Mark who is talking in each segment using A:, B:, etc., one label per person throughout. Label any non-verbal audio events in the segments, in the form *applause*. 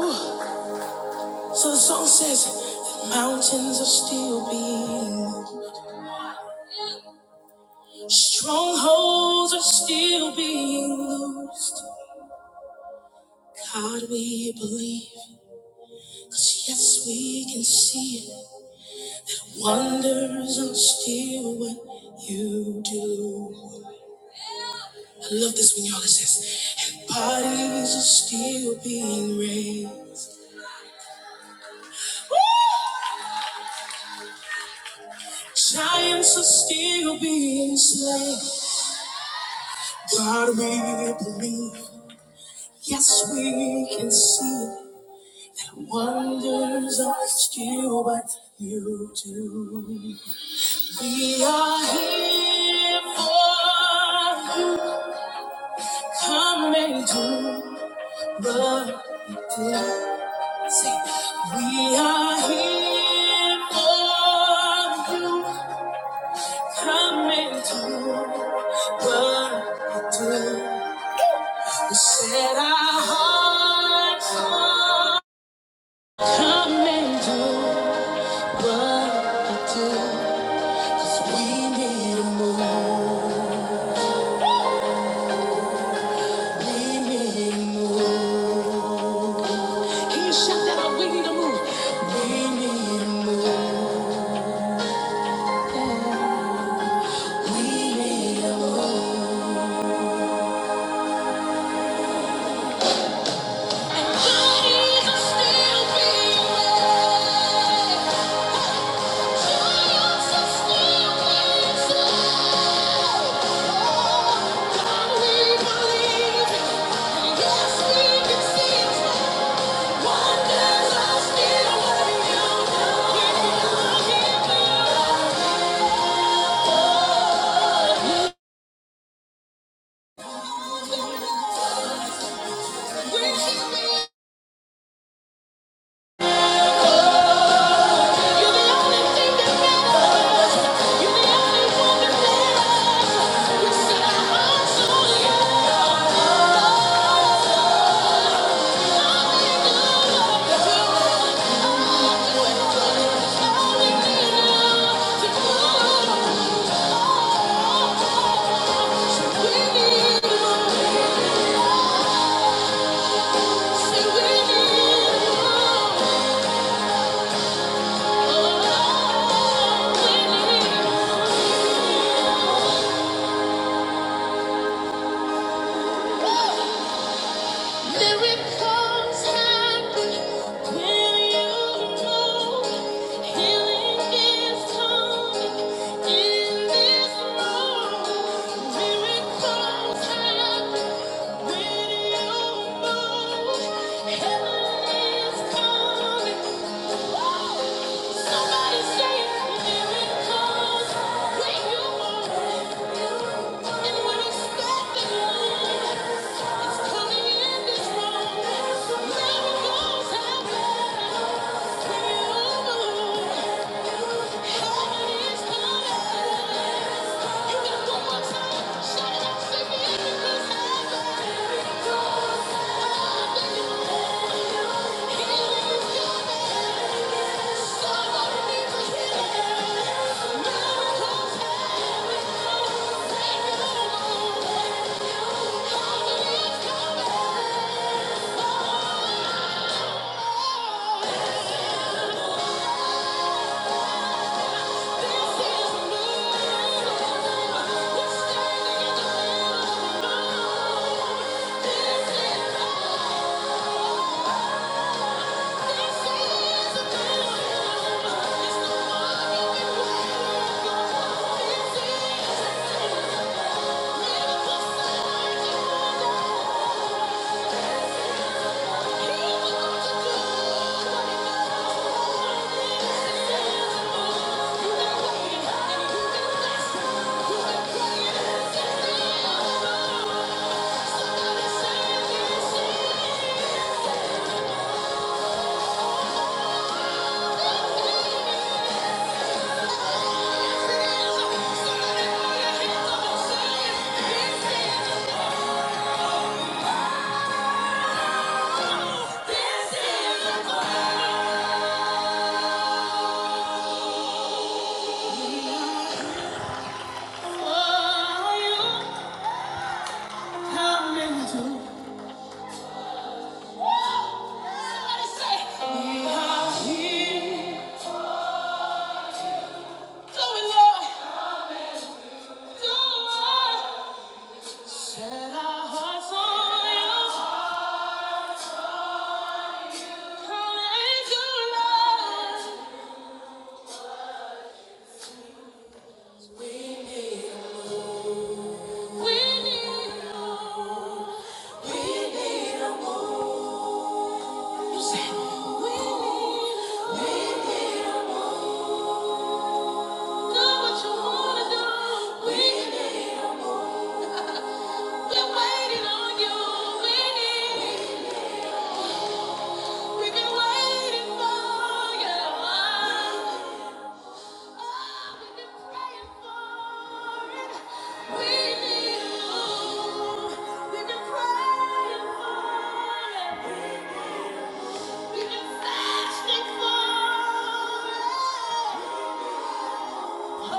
A: *sighs* So the song says, that mountains are still being moved, strongholds are still being loosed. God, we believe, cause yes, we can see it. Wonders are still what you do. I love this when y'all it says, and bodies are still being raised. Giants are still being slain. God, we believe. Yes, we can see it. Wonders are still what you do. We are here for you. Come and do what you do. Say, we are here for you. Come and do what you do. You set our hearts on. Come and do what you do. We need a move. We need a move. Can you shout that out? We need a move. We need a move. We need a move. And bodies still being made. Giants are still being slain. Oh, God, we believe it. yes, we can see it. Oh Miracles happen when you know healing is coming in this room. Miracles happen when you know healing is coming. Somebody say miracles when you know and when it's Oh! this you. Somebody say, we are here. Do it, Lord. Do it. Set our hearts on you. Come and do love. We need We need a move. You say, we need you. Do what you wanna do. We need We're waiting on you. We need We've been waiting for you. Oh, We've been Fasting for it. Have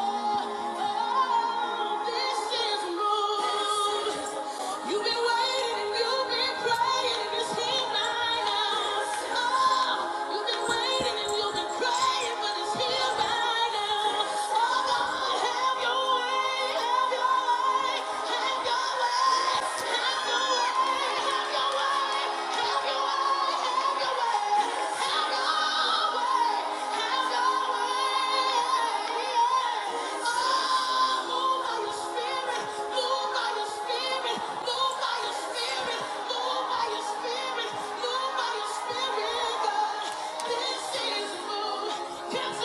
A: your way. Oh, it's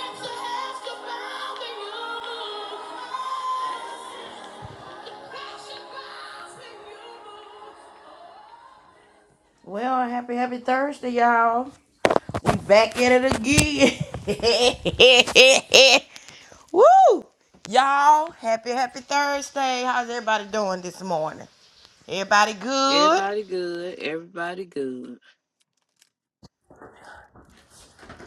A: a has to bow to you. Well, happy, happy Thursday, y'all. Back at it again. *laughs* Woo! Y'all, happy, happy Thursday. How's everybody doing this morning? Everybody good?
B: Everybody good. Everybody good.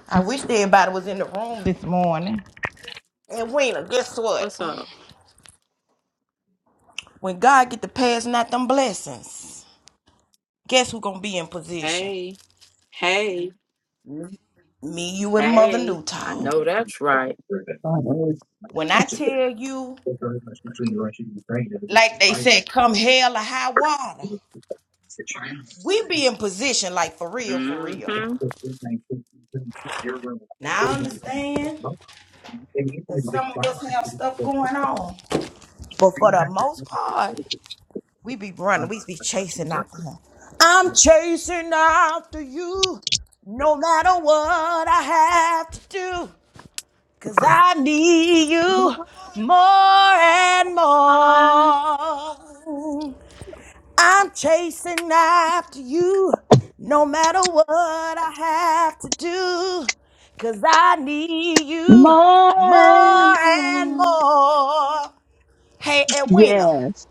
A: I wish everybody was in the room this morning. And Wena, guess what?
B: What's up?
A: When God get to passing out them blessings, guess who gonna be in position?
B: Hey, hey,
A: Me, you, and Mother
B: hey. I
A: Newtall.
B: know that's right.
A: When I tell you Like they said, come hell or high water. We be in position, like for real, for real.
B: Mm-hmm.
A: Now I understand that some of us have stuff going on. But for the most part, we be running. We be chasing after him. I'm chasing after you. No matter what I have to do, cause I need you
B: Mama.
A: more and more. I'm chasing after you no matter what I have to do, 'cause I need you
B: My,
A: more and
B: my.
A: more. Hey, Edwina,
B: Yes.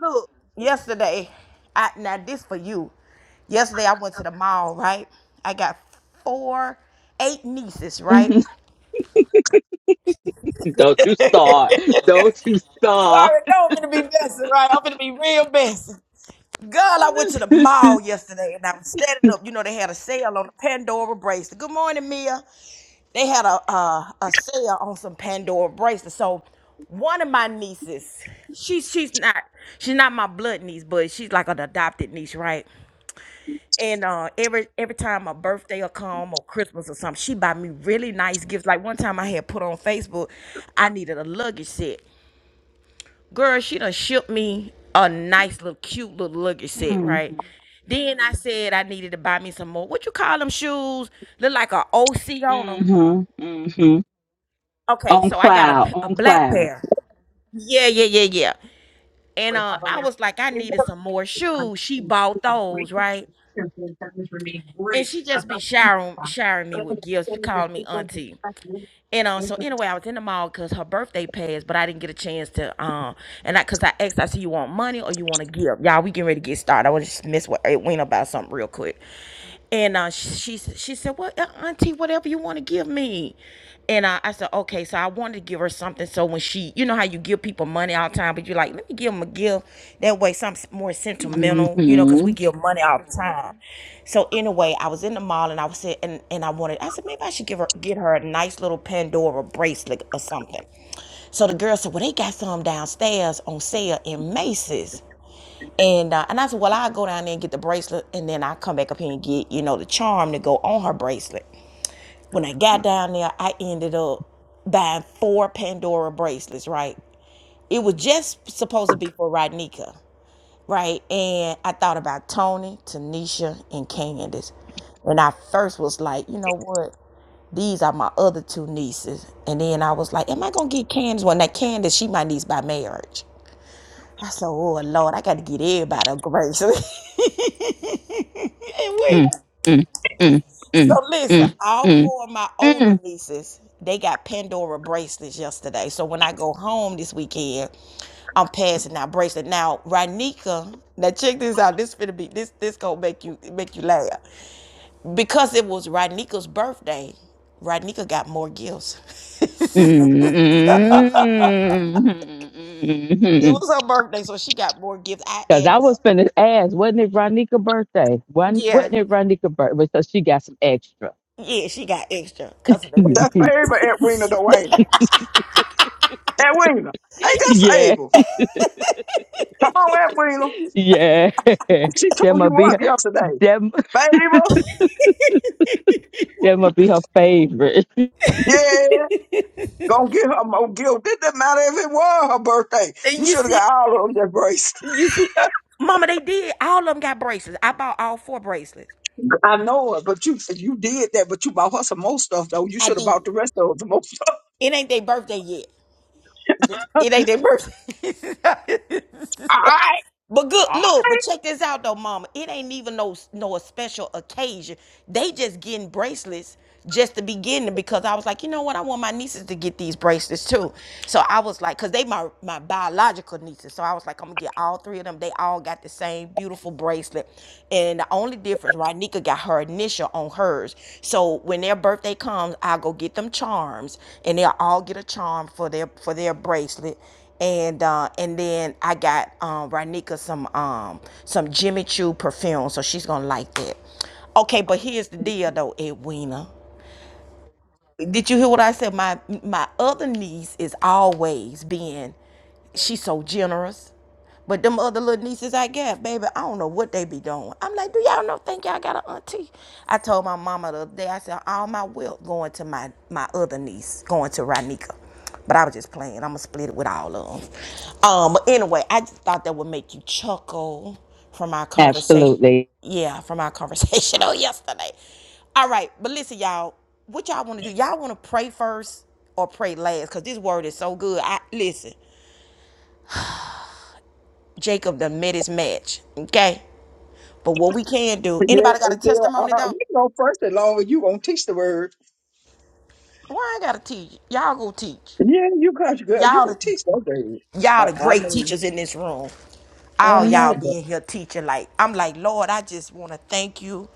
A: look, yesterday, I, now this for you. Yesterday I went to the mall, right? I got four, eight nieces, right?
B: hmm *laughs* Don't you start. Don't you
A: You
B: start.
A: already know I'm gonna be blessed, right? I'm gonna be real blessed. Girl, I went to the mall yesterday and I was standing up. You know, they had a sale on the Pandora bracelet. Good morning, Mia. They had a uh, a sale on some Pandora bracelets. So one of my nieces, she's she's not she's not my blood niece, but she's like an adopted niece, right? And uh, every every time my birthday will come or Christmas or something, she buy me really nice gifts. Like one time I had put on Facebook, I needed a luggage set girl, she done shipped me a nice little cute little luggage set,
B: hmm
A: right? Then I said I needed to buy me some more. What you call them shoes? Look like a OC on them.
B: hmm hmm
A: Okay,
B: On
A: so I got a,
B: cloud.
A: p- a
B: On
A: black
B: cloud.
A: pair. Yeah, yeah, yeah, yeah. And uh, I was like, I needed some more shoes. She bought those, right? And she just be showering showering me with gifts, calling me auntie. And um, so anyway, I was in the mall because her birthday passed, but I didn't get a chance to um, and I because I asked, I said, you want money or you want to give? Y'all, we getting ready to get started. I want to just mess with Edwina about something real quick. And uh, she she said, "Well, uh, Auntie, whatever you want to give me." And I, I said, "Okay." So I wanted to give her something. So when she, you know how you give people money all the time, but you're like, "Let me give them a gift." That way, something more sentimental, you know, because we
B: hmm
A: give money all the time. So anyway, I was in the mall and I was sit- and and I wanted. I said maybe I should give her get her a nice little Pandora bracelet or something. So the girl said, "Well, they got some downstairs on sale in Macy's." And uh, and I said, well, I'll go down there and get the bracelet, and then I come back up here and get you know the charm to go on her bracelet. When I got down there, I ended up buying four Pandora bracelets. Right, it was just supposed to be for Rodnika, right? And I thought about Tony, Tanisha, and Candace. And I first was like, you know what? These are my other two nieces. And then I was like, am I gonna get Candace? Well, now Candace, she my niece by marriage. I said, oh, Lord, I got to get everybody a grace. *laughs* and wait.
B: Mm, mm, mm,
A: So
B: mm,
A: listen, all
B: mm,
A: four of my
B: mm.
A: older nieces, they got Pandora bracelets yesterday. So when I go home this weekend, I'm passing out bracelet. Now, Ranika, now check this out. This finna be this this gonna make you make you laugh. Because it was Ranika's birthday, Ranika got more gifts. *laughs*
B: Because
A: It was her birthday, so she got more gifts. I
B: I
A: added
B: was
A: up.
B: finna ask, wasn't it Ronika's birthday? Wasn't,
A: Yeah.
B: wasn't it Ronika's birthday? So she got some extra.
A: Yeah, she got extra because of the
B: *laughs*
A: need.
C: That's favorite Edwina though, ain't it? Edwina, ain't that
B: yeah,
C: Fable? Come on, Edwina.
B: yeah. *laughs*
C: She
B: That
C: tore you
B: might be
C: up
B: her,
C: yesterday.
B: that, *laughs*
C: Fable,
B: that might be her favorite.
C: yeah, gonna get her more guilt. Did that matter if it was her birthday?
A: And
C: You
A: You
C: should have
A: see,
C: got all of them that brace.
A: you see, Mama, they did. All of them got bracelets. I bought all four bracelets.
C: I know it, but you you did that, but you bought her some more stuff though. You
A: I
C: should have
A: did.
C: bought the rest of the most stuff. *laughs*
A: It ain't their birthday yet. It ain't their birthday. *laughs* But good, look, but check this out though, mama. It ain't even no no special occasion. They just getting bracelets just to begin to because I was like, you know what? I want my nieces to get these bracelets too. So I was like, cause they my my biological nieces. So I was like, I'm gonna get all three of them. They all got the same beautiful bracelet. And the only difference, right? Nika got her initial on hers. So when their birthday comes, I'll go get them charms and they'll all get a charm for their for their bracelet and uh, and then I got um, Ranika some um, some Jimmy Choo perfume, so she's gonna like that. Okay, but here's the deal though, Edwina. Did you hear what I said? My my other niece is always being, she's so generous but them other little nieces I got, baby, I don't know what they be doing. I'm like, do y'all know think y'all got an auntie? I told my mama the other day, I said, all my wealth going to my my other niece, going to Ranika. But I was just playing. I'ma split it with all of them. Um, but anyway, I just thought that would make you chuckle from our
B: *laughs*
A: conversation.
B: Absolutely.
A: Yeah, from our conversation *laughs* on yesterday. All right, but listen, y'all. What y'all want to do? Y'all want to pray first or pray last? Cause this word is so good. I listen. Jacob done met his match. Okay. But what we can do,
C: Yeah,
A: anybody got a
C: and then, uh,
A: testimony though?
C: we know first as long as you gonna teach the word.
A: Well, I ain't gotta teach. Y'all go teach.
C: Yeah, you got you good. You
A: Y'all the
C: could teach that word.
A: y'all the
C: I, I
A: great
C: mean,
A: teachers in this room.
C: I
A: All y'all
C: know,
A: be in here teaching. Like I'm like, Lord, I just wanna thank you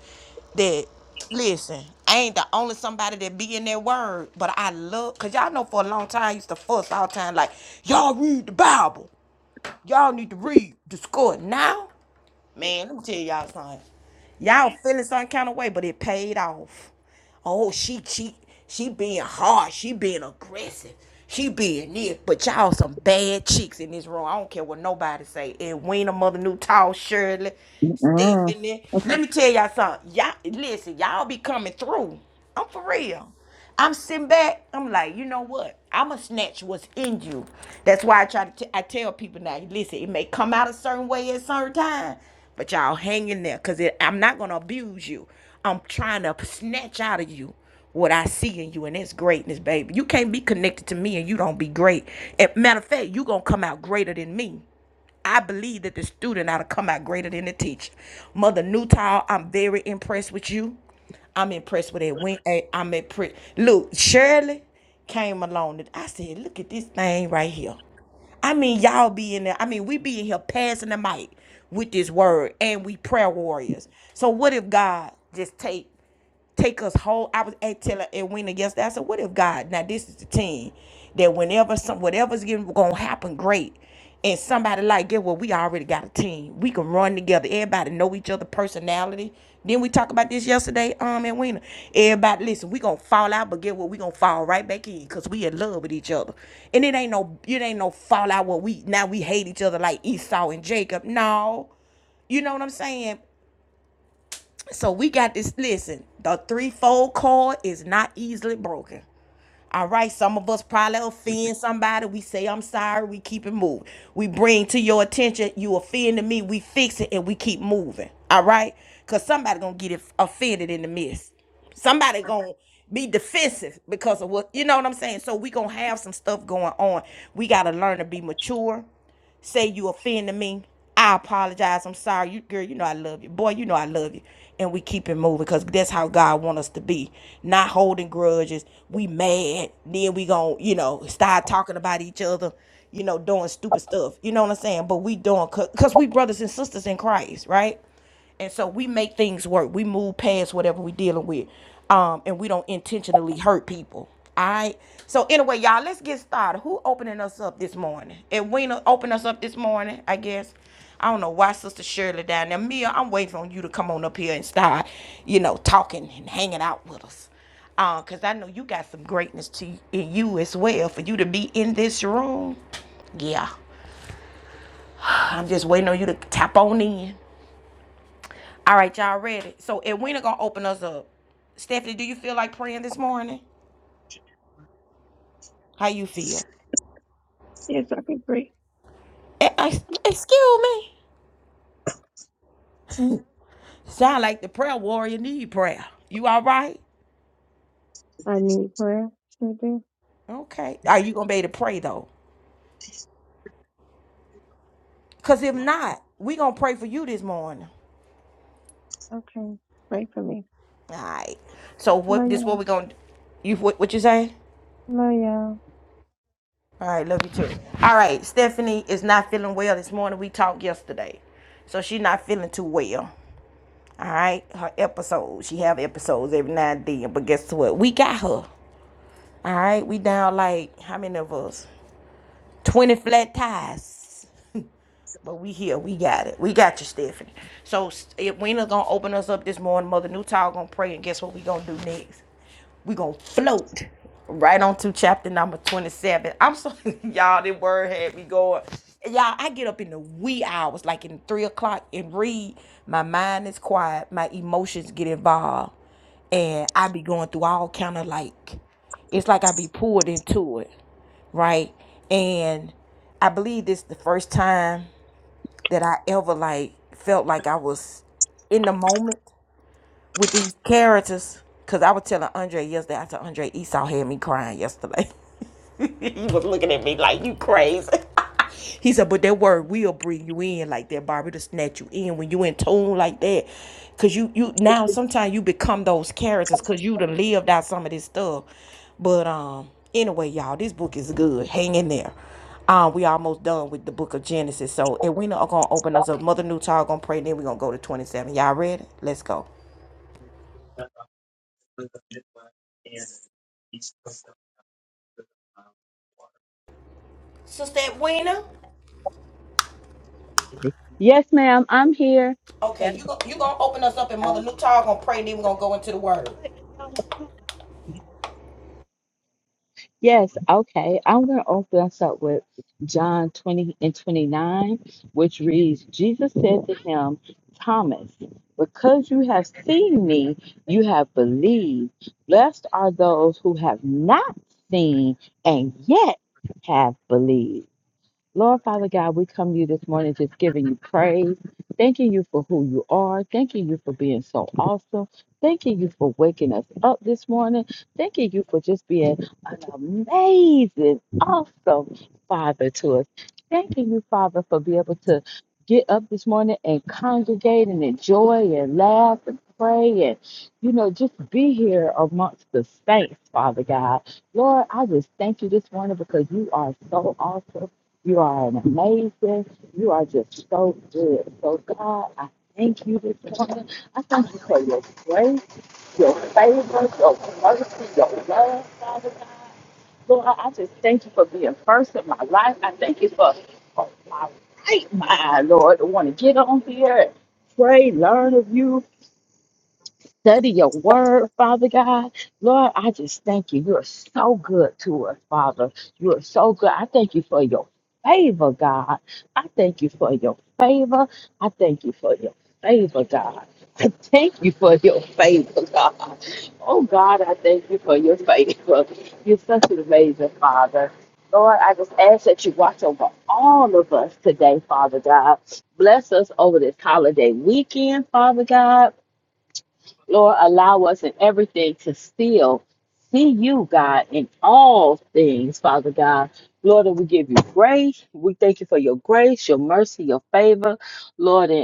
A: that listen, I ain't the only somebody that be in their word, but I love cause y'all know for a long time I used to fuss all the time, like, y'all read the Bible. Y'all need to read the score now. Man, let me tell y'all something. Y'all feeling some kind of way, but it paid off. Oh, she she she being hard, she being aggressive, she being this. But y'all some bad chicks in this room. I don't care what nobody say. Edwina, mother new tall Shirley, Stephanie. Let me tell y'all something. Y'all listen, y'all be coming through. I'm for real. I'm sitting back. I'm like, you know what? I'ma snatch what's in you. That's why I try to. T- I tell people now. Listen, it may come out a certain way at certain time, but y'all hang in there, cause I'm not gonna abuse you. I'm trying to snatch out of you what I see in you, and it's greatness, baby. You can't be connected to me and you don't be great. And matter of fact, you gonna come out greater than me. I believe that the student ought to come out greater than the teacher. Mother Newtile, I'm very impressed with you. I'm impressed with that win. eh, I'm impressed. Look, Shirley came along. and I said, look at this thing right here. I mean, y'all be in there. I mean, we be in here passing the mic with this word, and we prayer warriors. So what if God just take take us whole. I was at telling Edwina yesterday. I said, "What if God? Now this is the team that whenever some whatever's getting gonna happen, great." And somebody like, get well, we already got a team. We can run together. Everybody know each other personality. Then we talk about this yesterday, um, and Wina. Everybody, listen, we gonna fall out, but get what we gonna fall right back in, cause we in love with each other. And it ain't no, it ain't no fallout where we now we hate each other like Esau and Jacob. No, you know what I'm saying? So we got this. Listen, the threefold cord is not easily broken. All right, some of us probably offend somebody. We say, I'm sorry, we keep it moving. We bring to your attention, you offended me, we fix it and we keep moving. All right? Because somebody gonna get offended in the midst. Somebody gonna be defensive because of what you know what I'm saying. So we gonna have some stuff going on. We gotta learn to be mature say you offended me. I apologize. I'm sorry. You girl, you know I love you. Boy, you know I love you. And we keep it moving because that's how God want us to be. Not holding grudges. We mad. Then we gon' you know, start talking about each other, you know, doing stupid stuff. You know what I'm saying? But we doing because we brothers and sisters in Christ, right? And so we make things work. We move past whatever we're dealing with. Um, and we don't intentionally hurt people. All right. So anyway, y'all, let's get started. Who opening us up this morning? Edwina opened us up this morning, I guess. I don't know why Sister Shirley down there. Mia, I'm waiting on you to come on up here and start, you know, talking and hanging out with us. Uh, Cause I know you got some greatness to in you as well. For you to be in this room. Yeah. I'm just waiting on you to tap on in. All right, y'all ready? So Edwina gonna open us up. Stephanie, do you feel like praying this morning? How you feel?
D: Yes, I can pray.
A: E- ex- Excuse me.
D: Hmm?
A: Sound like the prayer warrior need prayer. You all right?
D: I need prayer. Sure do.
A: Okay. Are you gonna be able to pray though? Cause if not, we gonna pray for you this morning.
D: Okay. Pray for me.
A: All right. So
D: Hello,
A: what? This what
D: y'all.
A: we gonna? You what? What you say?
D: Hello, y'all.
A: All right. Love you too. All right. Stephanie is not feeling well this morning. We talked yesterday, so she's not feeling too well. All right, her episodes. She have episodes every now and then. But guess what? We got her. All right, we down like how many of us? Twenty flat tires. But we here. We got it. We got you, Stephanie. So if Wena's gonna open us up this morning. Mother Newtall gonna pray, and guess what we gonna do next? We gonna float right on to chapter number twenty-seven. I'm sorry, *laughs* y'all. This word had me going. Y'all, I get up in the wee hours, like in three o'clock, and read. My mind is quiet. My emotions get involved and I be going through all kind of like it's like I be pulled into it, right? And I believe this the first time that I ever like felt like I was in the moment with these characters. Cause I was telling Andre yesterday, I said Andre Esau had me crying yesterday. *laughs* was looking at you crazy. He said, but that word will bring you in like that, Barbie, to snatch you in when you in tune like that. Cause you you now sometimes you become those characters because you done lived out some of this stuff. But um anyway, y'all, this book is good. Hang in there. Um, we almost done with the book of Genesis. So and we are gonna open us up. Mother Newtall gonna pray, and then we're gonna go to 27. Y'all ready? Let's go. Sister Edwina?
B: Yes, ma'am, I'm here.
A: Okay, you go, you gonna open us up and Mother Newtall gonna pray, and then we're gonna go in. her.
B: Yes, okay. I'm going to open us up with John 20 and 29, which reads Jesus said to him, Thomas, because you have seen me, you have believed. Blessed are those who have not seen and yet have believed. Lord Father God, we come to you this morning just giving you praise, thanking you for who you are, thanking you for being so awesome, thanking you for waking us up this morning, thanking you for just being an amazing, awesome Father to us. Thanking you, Father, for being able to get up this morning and congregate and enjoy and laugh and pray and, you know, just be here amongst the saints, Father God. Lord, I just thank you this morning because you are so awesome. You are an amazing. You are just so good. So God, I thank you this morning. I thank you for your grace, your favor, your mercy, your love, Father God. Lord, I I just thank you for being first in my life. I thank you for for my right mind, Lord, to want to get on here and pray, learn of you study your word, Father God. Lord, I just thank you. You are so good to us, Father. You are so good. I thank you for your favor, God. I thank you for your favor. I thank you for your favor, God. I thank you for your favor, God. Oh, God, I thank you for your favor. You're such an amazing Father. Lord, I just ask that you watch over all of us today, Father God. Bless us over this holiday weekend, Father God. Lord, allow us in everything to still see you, God, in all things, Father God. Lord, and we give you grace. We thank you for your grace, your mercy, your favor, Lord. And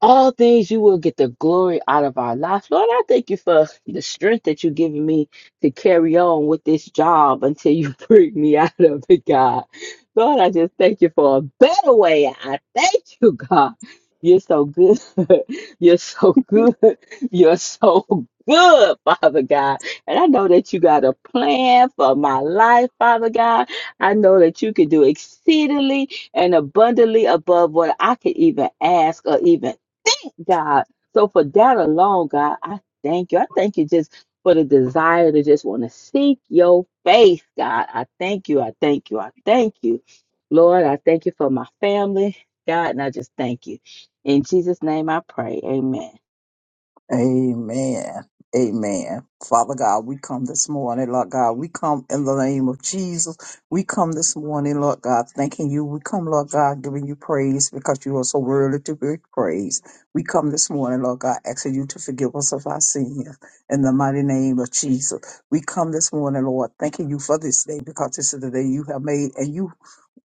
B: all things you will get the glory out of our lives. Lord, I thank you for the strength that you've given me to carry on with this job until you *laughs* bring me out of it, God. Lord, I just thank you for a better way. I thank you, God. You're so good. *laughs* You're so good. *laughs* You're so good, Father God. And I know that you got a plan for my life, Father God. I know that you can do exceedingly and abundantly above what I could even ask or even God. So for that alone, God, I thank you. I thank you just for the desire to just want to seek your face, God. I thank you. I thank you. I thank you. Lord, I thank you for my family, God, and I just thank you. In Jesus' name I pray. Amen.
C: Amen. Amen. Father God, we come this morning, Lord God. We come in the name of Jesus. We come this morning, Lord God, thanking you. We come, Lord God, giving you praise because you are so worthy to be praised. We come this morning, Lord God, asking you to forgive us of our sins in the mighty name of Jesus. We come this morning, Lord, thanking you for this day because this is the day you have made and you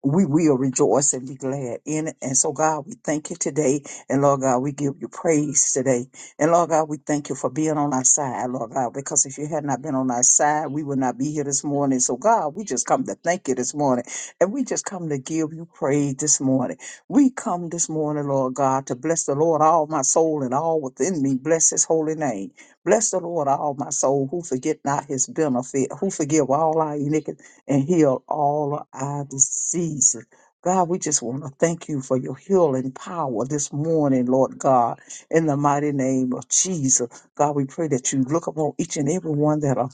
C: we will rejoice and be glad in it. And so, God, we thank you today. And Lord God, we give you praise today. And Lord God, we thank you for being on our side, Lord God, because if you had not been on our side, we would not be here this morning. So, God, we just come to thank you this morning. And we just come to give you praise this morning. We come this morning, Lord God, to bless the Lord, all my soul and all within me. Bless his holy name. Bless the Lord, all my soul, who forget not his benefit, who forgive all our iniquities and heal all of our diseases. God, we just want to thank you for your healing power this morning, Lord God, in the mighty name of Jesus. God, we pray that you look upon each and every one that are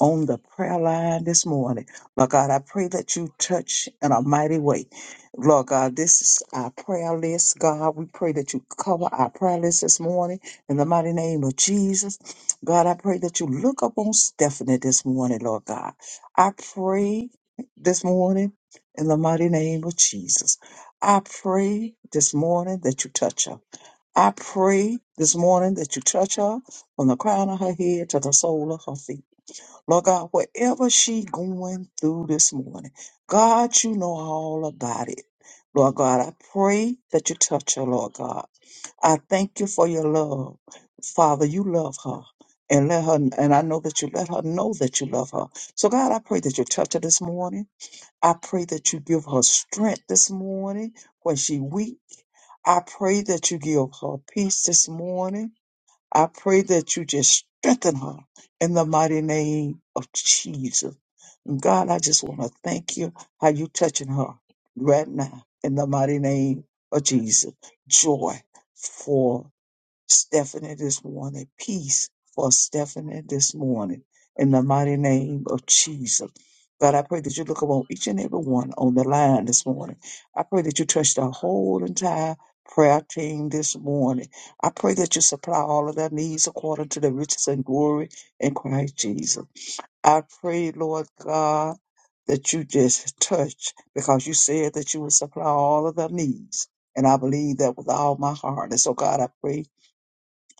C: on the prayer line this morning. Lord God, I pray that you touch in a mighty way. Lord God, this is our prayer list. God, we pray that you cover our prayer list this morning in the mighty name of Jesus. God, I pray that you look upon Stephanie this morning, Lord God. I pray this morning in the mighty name of Jesus. I pray this morning that you touch her. I pray this morning that you touch her from the crown of her head to the sole of her feet. Lord God, whatever she going through this morning, God, you know all about it. Lord God, I pray that you touch her, Lord God. I thank you for your love. Father, you love her. And let her and I know that you let her know that you love her. So God, I pray that you touch her this morning. I pray that you give her strength this morning when she weak. I pray that you give her peace this morning. I pray that you just strengthen her in the mighty name of Jesus. And God, I just want to thank you how you touching her right now in the mighty name of Jesus. Joy for Stephanie this morning. Peace for Stephanie this morning in the mighty name of Jesus. God, I pray that you look upon each and every one on the line this morning. I pray that you touch the whole entire prayer team this morning. I pray that you supply all of their needs according to the riches and glory in Christ Jesus. I pray, Lord God, that you just touch because you said that you would supply all of their needs. And I believe that with all my heart. And so, God, I pray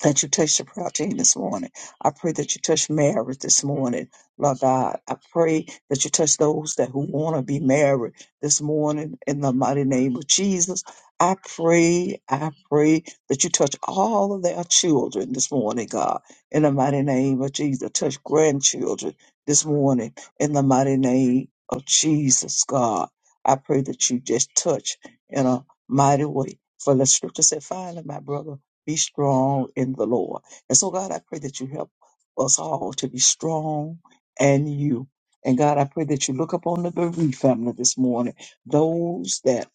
C: that you touch the prayer team this morning. I pray that you touch marriage this morning, Lord God. I pray that you touch those that who want to be married this morning in the mighty name of Jesus. I pray, I pray that you touch all of their children this morning, God, in the mighty name of Jesus. Touch grandchildren this morning in the mighty name of Jesus, God. I pray that you just touch in a mighty way. For the scripture said, finally, my brother. Be strong in the Lord. And so, God, I pray that you help us all to be strong and you. And God, I pray that you look upon the bereaved family this morning, those that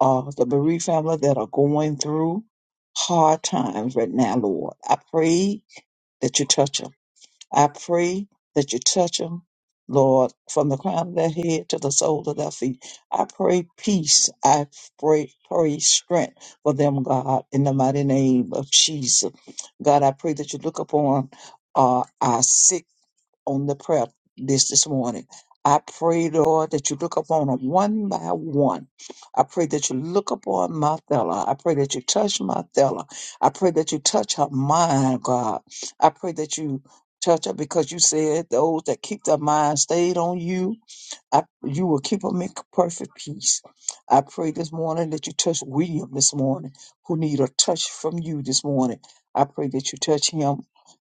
C: are the bereaved family that are going through hard times right now, Lord. I pray that you touch them. I pray that you touch them, Lord, from the crown of their head to the sole of their feet. I pray peace. I pray, pray strength for them, God, in the mighty name of Jesus. God, I pray that you look upon uh, our sick on the prayer this this morning. I pray, Lord, that you look upon them one by one. I pray that you look upon Marthella. I pray that you touch Marthella. I pray that you touch her mind, God. I pray that you touch her because you said those that keep their mind stayed on you I, you will keep them in perfect peace. I pray this morning that you touch William this morning, who need a touch from you this morning. I pray that you touch him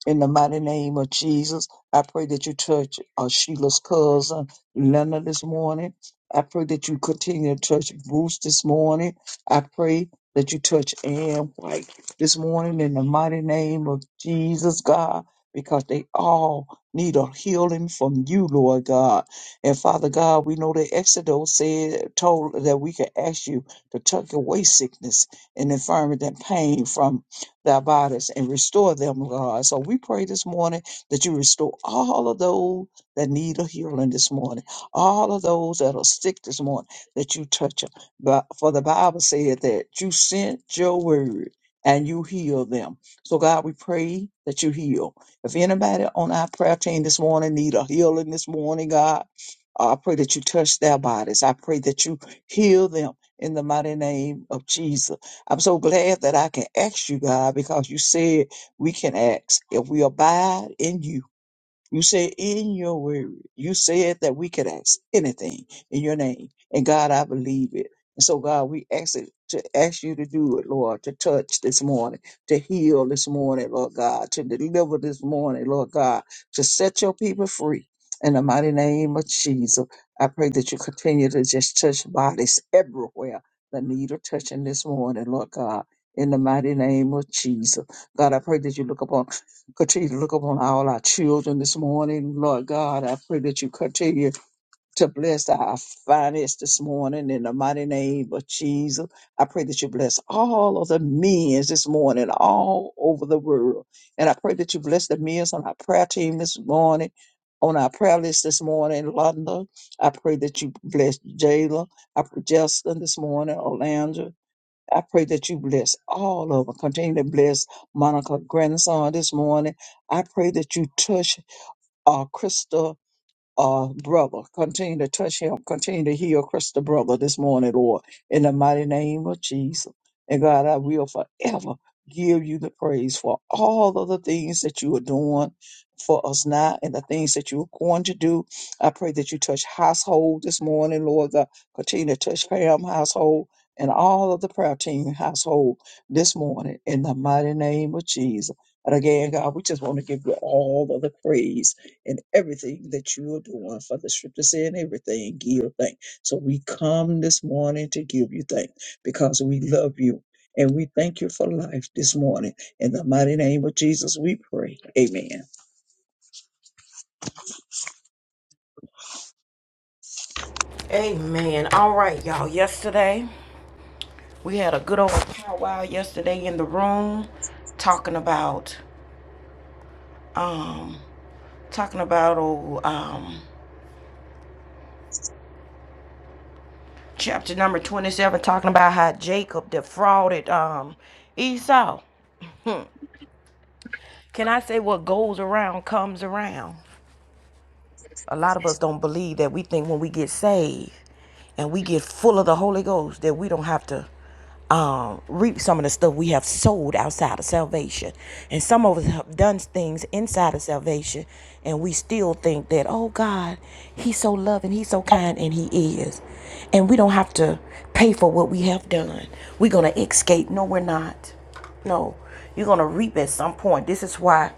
C: in the mighty name of Jesus. I pray that you touch uh, Sheila's cousin, Leonard, this morning. I pray that you continue to touch Bruce this morning. I pray that you touch Ann White this morning in the mighty name of Jesus, God, because they all need a healing from you, Lord God. And Father God, we know that Exodus said, told that we can ask you to tuck away sickness and infirmity and pain from their bodies and restore them, God. So we pray this morning that you restore all of those that need a healing this morning, all of those that are sick this morning, that you touch them. But for the Bible said that you sent your word and you heal them. So God, we pray that you heal. If anybody on our prayer team this morning need a healing this morning, God, uh, I pray that you touch their bodies. I pray that you heal them in the mighty name of Jesus. I'm so glad that I can ask you, God, because you said we can ask if we abide in you you say in your word, you said that we could ask anything in your name. And God, I believe it. And so, God, we ask it to ask you to do it, Lord, to touch this morning, to heal this morning, Lord God, to deliver this morning, Lord God, to set your people free. In the mighty name of Jesus, I pray that you continue to just touch bodies everywhere that need a touching this morning, Lord God. In the mighty name of Jesus. God, I pray that you look upon Continue to look upon all our children this morning. Lord God, I pray that you continue to bless our finance this morning in the mighty name of Jesus. I pray that you bless all of the men this morning all over the world. And I pray that you bless the men on our prayer team this morning, on our prayer list this morning in London. I pray that you bless Jayla. I pray Justin this morning, Orlando. I pray that you bless all of them. Continue to bless Monica grandson this morning. I pray that you touch uh, Krista uh, brother. Continue to touch him. Continue to heal Crystal brother this morning, Lord, in the mighty name of Jesus. And God, I will forever give you the praise for all of the things that you are doing for us now and the things that you are going to do. I pray that you touch household this morning, Lord. God. Continue to touch Pam household and all of the prayer team household this morning in the mighty name of Jesus. And again, God, we just want to give you all of the praise in everything that you are doing. For the scripture saying everything, give thanks. So we come this morning to give you thanks because we love you and we thank you for life this morning. In the mighty name of Jesus, we pray. Amen. *laughs*
A: Amen. All right, y'all. Yesterday. We had a good old powwow yesterday in the room talking about um talking about oh um chapter number 27 talking about how Jacob defrauded um Esau. Can I say what goes around comes around? A lot of us don't believe that we think when we get saved and we get full of the Holy Ghost that we don't have to um, reap some of the stuff we have sold outside of salvation. And some of us have done things inside of salvation and we still think that, oh God, He's so loving, He's so kind, and He is. And we don't have to pay for what we have done. We're going to escape. No, we're not. No, you're going to reap at some point. This is why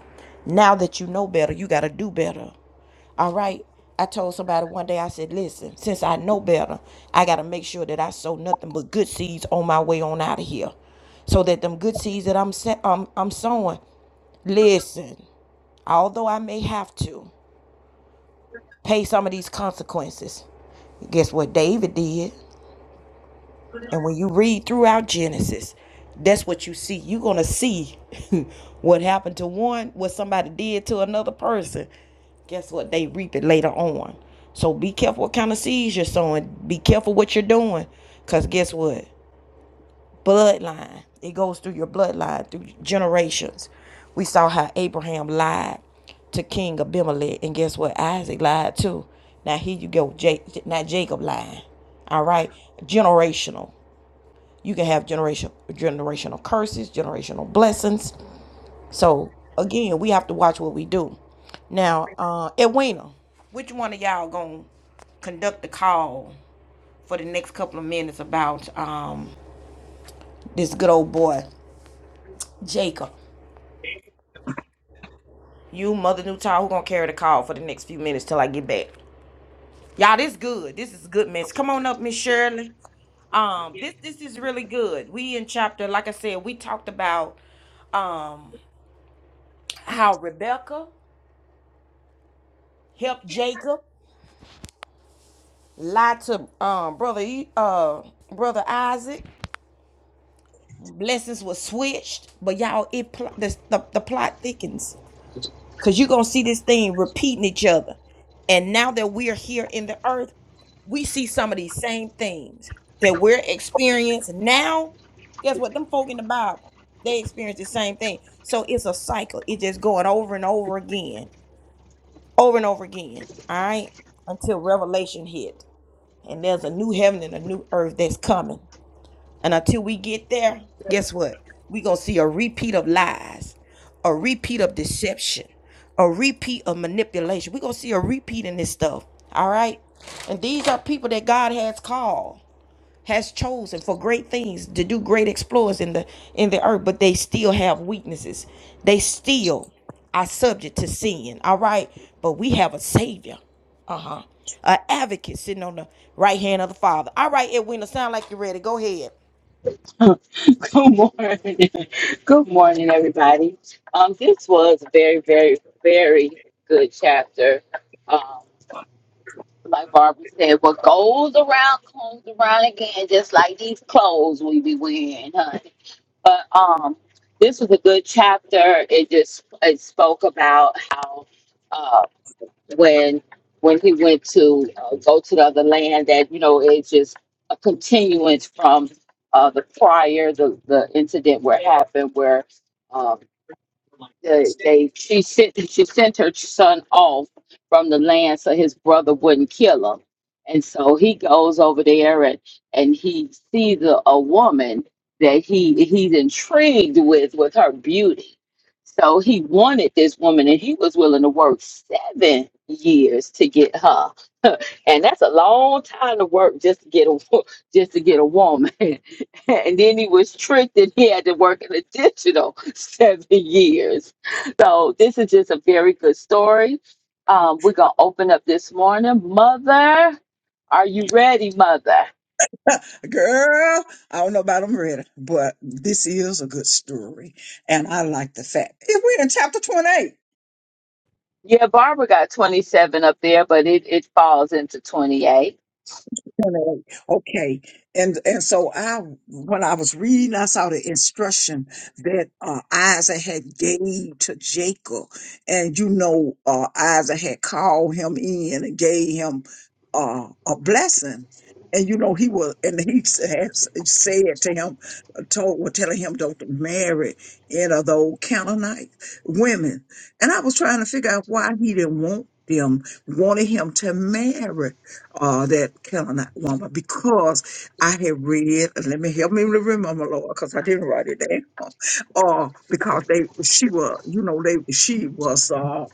A: now that you know better, you got to do better. All right. I told somebody one day, I said, listen, since I know better, I got to make sure that I sow nothing but good seeds on my way on out of here. So that them good seeds that I'm, se- um, I'm sowing, listen, although I may have to pay some of these consequences, guess what David did? And when you read throughout Genesis, that's what you see. You're going to see *laughs* what happened to one, what somebody did to another person. Guess what? They reap it later on. So be careful what kind of seeds you're sowing. Be careful what you're doing. Because guess what? Bloodline. It goes through your bloodline, through generations. We saw how Abraham lied to King Abimelech. And guess what? Isaac lied too. Now here you go. Ja- now Jacob lying. All right. Generational. You can have generation generational curses, generational blessings. So again, we have to watch what we do. Now, uh Edwina, which one of y'all gonna conduct the call for the next couple of minutes about um this good old boy, Jacob? You mother new who gonna carry the call for the next few minutes till I get back. Y'all, this good. This is good, miss. Come on up, Miss Shirley. Um, this this is really good. We in chapter, like I said, we talked about um how Rebecca help Jacob, lie to um brother E- uh brother Isaac. Blessings were switched, but y'all it pl- the, the the plot thickens because you're gonna see this thing repeating each other. And now that we are here in the earth, we see some of these same things that we're experiencing now. Guess what? Them folk in the Bible, they experience the same thing. So it's a cycle. It's just going over and over again, over and over again. All right, until Revelation hit. and there's a new heaven and a new earth that's coming. And until we get there, guess what? We're going to see a repeat of lies, a repeat of deception, a repeat of manipulation. We're going to see a repeat in this stuff. All right? And these are people that God has called, has chosen for great things, to do great exploits in the in the earth, but they still have weaknesses. They still are subject to sin. All right? But we have a savior uh, an advocate sitting on the right hand of the Father. All right, Edwina, sound like you're ready. Go ahead.
B: *laughs* Good morning. *laughs* Good morning, everybody. Um, this was a very, very, very good chapter. Um. Like Barbara said, what goes around comes around again, just like these clothes we be wearing, honey. But um, this was a good chapter. It just it spoke about how uh when when he went to uh, go to the other land, that you know it's just a continuance from uh the prior the the incident where it happened where. um they, they she sent she sent her son off from the land so his brother wouldn't kill him and so he goes over there and and he sees a, a woman that he he's intrigued with with her beauty so he wanted this woman and he was willing to work seven years to get her *laughs* and that's a long time to work just to get a *laughs* wo- just to get a woman *laughs* and then he was tricked and he had to work an additional *laughs* seven years so this is just a very good story. Um, we're gonna open up this morning. Mother, are you ready, mother?
C: Girl, I don't know about them ready, but this is a good story. And I like the fact. We're in chapter 28.
B: Yeah, Barbara got 27 up there, but it, it falls into 28.
C: Generally, Okay, and and so I, when I was reading, I saw the instruction that uh, Isaac had gave to Jacob, and you know, uh, Isaac had called him in and gave him uh, a blessing, and you know, he was, and he *laughs* s- had s- said to him, told, were telling him don't marry any of those Canaanite women, and I was trying to figure out why he didn't want them, wanted him to marry uh, that Canaanite woman because I had read, and let me help me remember, Lord, because I didn't write it down. *laughs* Uh, because they, she was, you know, they, she was. uh,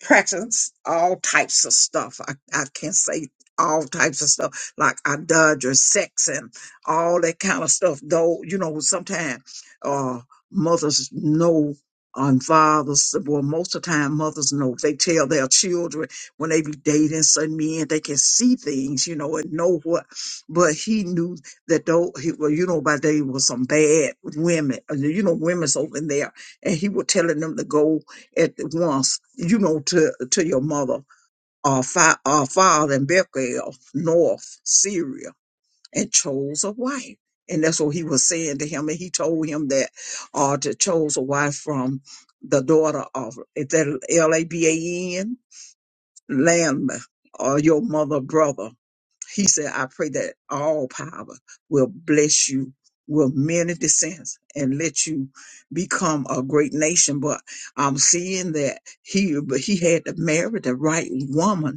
C: practice all types of stuff. I, I can say all types of stuff like adultery, sex, and all that kind of stuff. Though you know, sometimes uh, mothers know and fathers. Well, most of the time, mothers know. They tell their children when they be dating some men, they can see things, you know, and know what. But he knew that though, he, well, you know, by day was some bad women. You know, women's over there, and he was telling them to go at once, you know, to, to your mother, uh, fi- uh, father in Bethel, North Syria, and chose a wife. And that's what he was saying to him. And he told him that uh, to chose a wife from the daughter of, is that L-A-B-A-N? lamb or your mother brother. He said, I pray that all power will bless you with many descents and let you become a great nation. But I'm seeing that he but he had to marry the right woman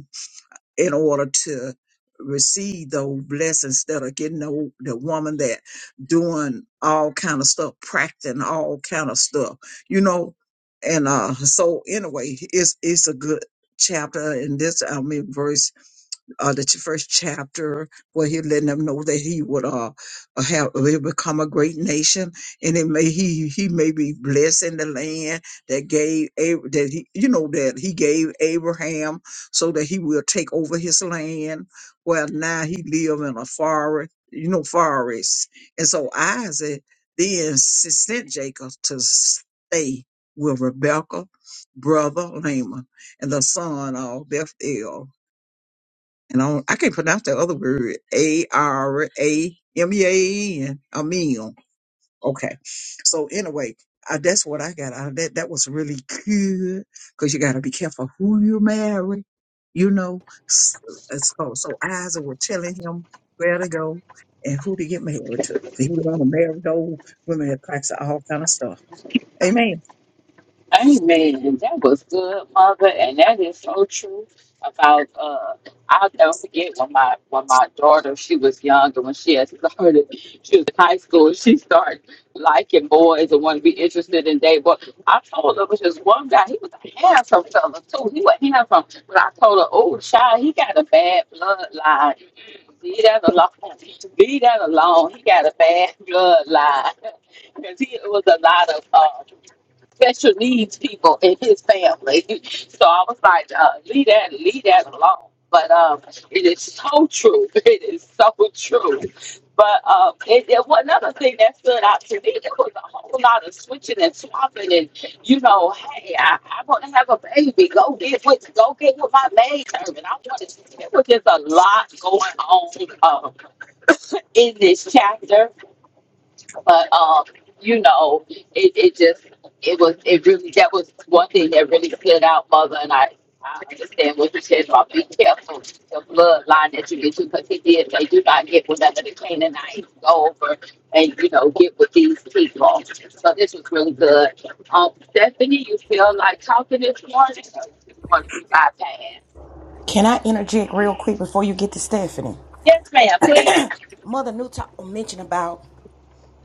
C: in order to receive those blessings that are getting the, the woman that doing all kind of stuff, practicing all kind of stuff, you know. And uh so anyway, it's it's a good chapter in this I mean verse uh, the ch- first chapter where he letting them know that he would uh uh, have will become a great nation, and it may he he may be blessed in the land that gave Ab- that he you know that he gave Abraham so that he will take over his land. Well, now he live in a forest, you know, forest, and so Isaac then s- sent Jacob to stay with Rebekah, brother Laman, and the son of Bethuel and I, don't, I can't pronounce that other word. A R A M E A N. A meal. Okay. So anyway, I, that's what I got out of that. That was really good because you got to be careful who you marry. You know, S- uh, so so Isaac was telling him where to go and who to get married to. He was going to marry those women that practice all kind of stuff. Amen.
B: Amen. That was good, mother, and that is so true about uh I'll never forget when my when my daughter she was younger when she had started she was in high school she started liking boys and wanted to be interested in they but I told her it was just one guy he was a handsome fella too he was handsome but I told her oh child he got a bad bloodline leave that alone leave that alone he got a bad bloodline *laughs* because he it was a lot of uh special needs people in his family. *laughs* So I was like, uh, leave that, leave that alone. But um, it is so true. *laughs* It is so true. But um, it, it was another thing that stood out to me. There was a whole lot of switching and swapping, and you know, hey, I, I want to have a baby. Go get with, go get with my maid serving. I want to. There was just a lot going on um, in this chapter but um, you know, it, it just it was it really that was one thing that really stood out, mother, and I. I understand what you said about be careful the bloodline that you get to because he did say do not get whatever the Canaanites go over and you know get with these people. So this was really good. Um, Stephanie, you feel like talking this morning? Or you want to be bypassed?
A: Can I interject real quick before you get to Stephanie?
B: Yes, ma'am. Please.
A: Mother Newton mentioned about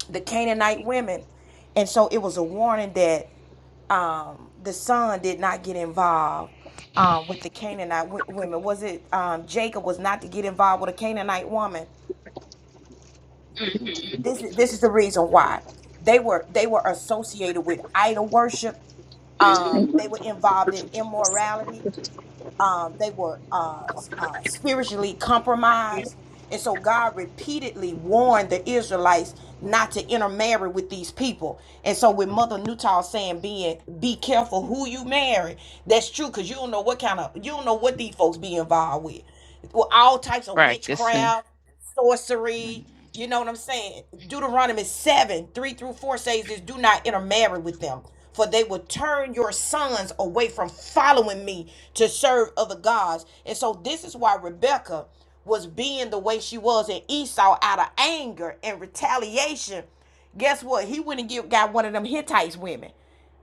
A: the Canaanite women, and so it was a warning that um, the son did not get involved um, with the Canaanite w- women. Was it um, Jacob was not to get involved with a Canaanite woman?
B: hmm
A: This is this is the reason why they were they were associated with idol worship. Um, they
B: hmm
A: were involved in immorality. um, they were uh, uh, spiritually compromised. And so God repeatedly warned the Israelites not to intermarry with these people. And so with Mother Newtall saying being be careful who you marry, that's true because you don't know what kind of you don't know what these folks be involved with. Well, all types of
B: Practicing.
A: witchcraft sorcery. You know what I'm saying? Deuteronomy 7 3 through 4 says this do not intermarry with them, for they will turn your sons away from following me to serve other gods. And so, this is why Rebecca was being the way she was, and Esau, out of anger and retaliation, guess what? He went and get, got one of them Hittites women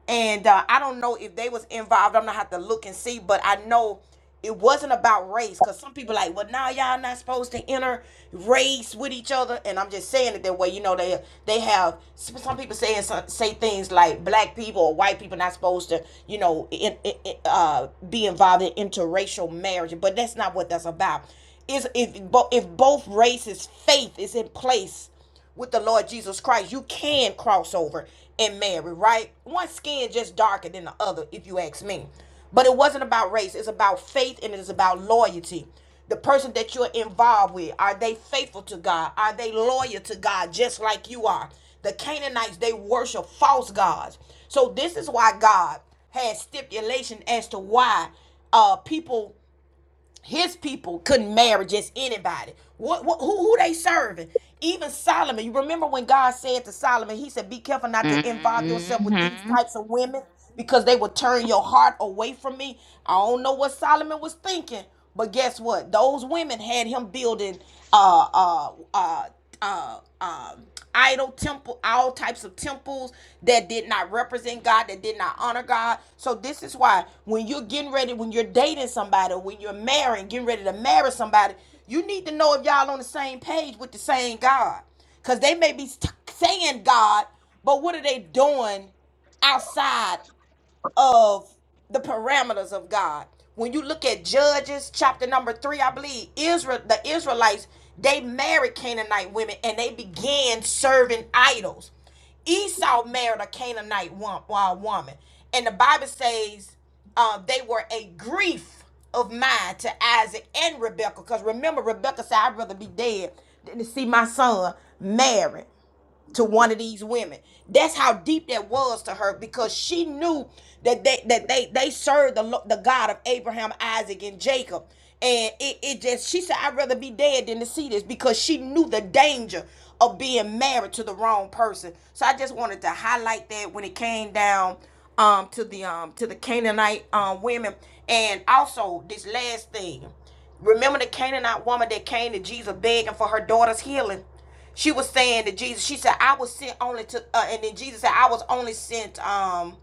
A: and uh, I don't know if they was involved. I'm gonna have to look and see, but I know it wasn't about race because some people like, well, now y'all not supposed to enter race with each other, and I'm just saying it that way. You know, they they have some people saying some, say things like black people or white people not supposed to, you know, in, in, in- uh, be involved in interracial marriage, but that's not what that's about. Is if bo- if both races' faith is in place with the Lord Jesus Christ, you can cross over and marry, right? One skin just darker than the other, if you ask me. But it wasn't about race, it's about faith and it's about loyalty. The person that you're involved with, are they faithful to God? Are they loyal to God just like you are? The Canaanites, they worship false gods. So this is why God had stipulation as to why uh people his people couldn't marry just anybody. What, what who who they serving? Even Solomon, you remember when God said to Solomon, he said, "Be careful not to involve yourself with
B: hmm
A: these types of women because they will turn your heart away from me." I don't know what Solomon was thinking, but guess what? Those women had him building uh uh uh uh um idol temple all types of temples that did not represent god that did not honor god so this is why when you're getting ready when you're dating somebody when you're marrying getting ready to marry somebody you need to know if y'all on the same page with the same god because they may be t- saying god but what are they doing outside of the parameters of God. When you look at Judges chapter number three, I believe Israel, the Israelites, they married Canaanite women and they began serving idols. Esau married a Canaanite wo- uh, woman, and the Bible says uh, they were a grief of mind to Isaac and Rebekah. Because remember, Rebekah said, "I'd rather be dead than to see my son married." to one of these women. That's how deep that was to her because she knew that they that they they served the the God of Abraham, Isaac, and Jacob. And it, it just she said, I'd rather be dead than to see this because she knew the danger of being married to the wrong person. So I just wanted to highlight that when it came down um to the um to the Canaanite um women. And also this last thing. Remember the Canaanite woman that came to Jesus begging for her daughter's healing? She was saying to Jesus, she said, I was sent only to, uh, and then Jesus said, I was only sent, um,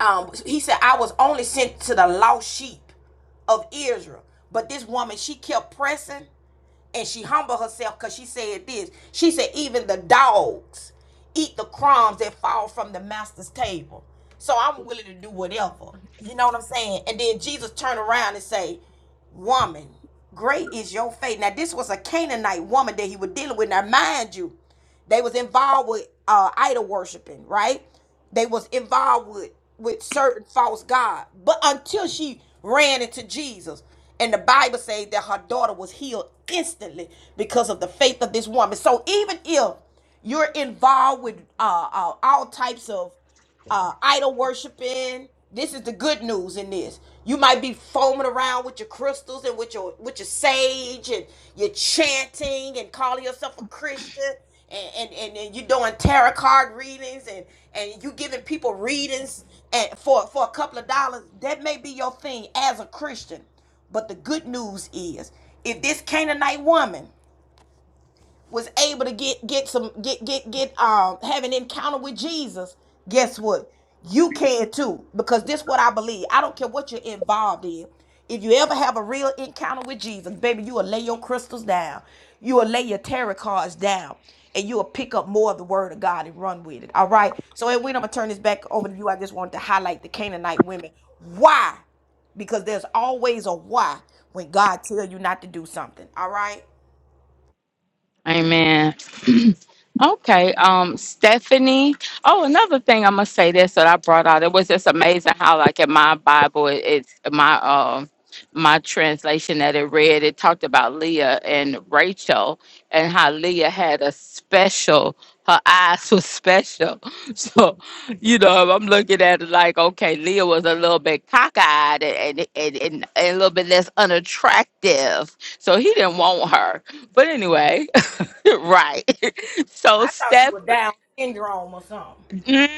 A: um, he said, I was only sent to the lost sheep of Israel. But this woman, she kept pressing and she humbled herself because she said this. She said, even the dogs eat the crumbs that fall from the master's table. So I'm willing to do whatever. You know what I'm saying? And then Jesus turned around and say, Woman, great is your faith. Now, this was a Canaanite woman that he was dealing with. Now, mind you, they was involved with uh, idol worshiping, right? they was involved with with certain false god but until she ran into jesus and the bible says that her daughter was healed instantly because of the faith of this woman so even if you're involved with uh, uh, all types of uh, idol worshiping. This is the good news in this. You might be foaming around with your crystals and with your with your sage and you're chanting and calling yourself a Christian and and, and, and you're doing tarot card readings and and you giving people readings and for for a couple of dollars. That may be your thing as a Christian, but the good news is if this Canaanite woman was able to get get some get get get um have an encounter with Jesus, guess what? You can too because this is what I believe. I don't care what you're involved in. If you ever have a real encounter with Jesus, baby, you will lay your crystals down. You will lay your tarot cards down. And you will pick up more of the word of God and run with it. All right. So and we I'm gonna turn this back over to you. I just wanted to highlight the Canaanite women. Why? Because there's always a why when God tell you not to do something. All right.
B: Amen. *clears throat* okay. Um, Stephanie. Oh, another thing I must say this that I brought out. It was just amazing how like in my Bible, it, it's my um my translation that it read. It talked about Leah and Rachel and how Leah had a special. Her eyes was special. *laughs* So, you know, I'm looking at it like, okay, Leah was a little bit cockeyed and, and, and, and a little bit less unattractive. So he didn't want her. But anyway, *laughs* right. *laughs* so
A: I thought she
B: Steph,
A: was down syndrome or something.
B: mm,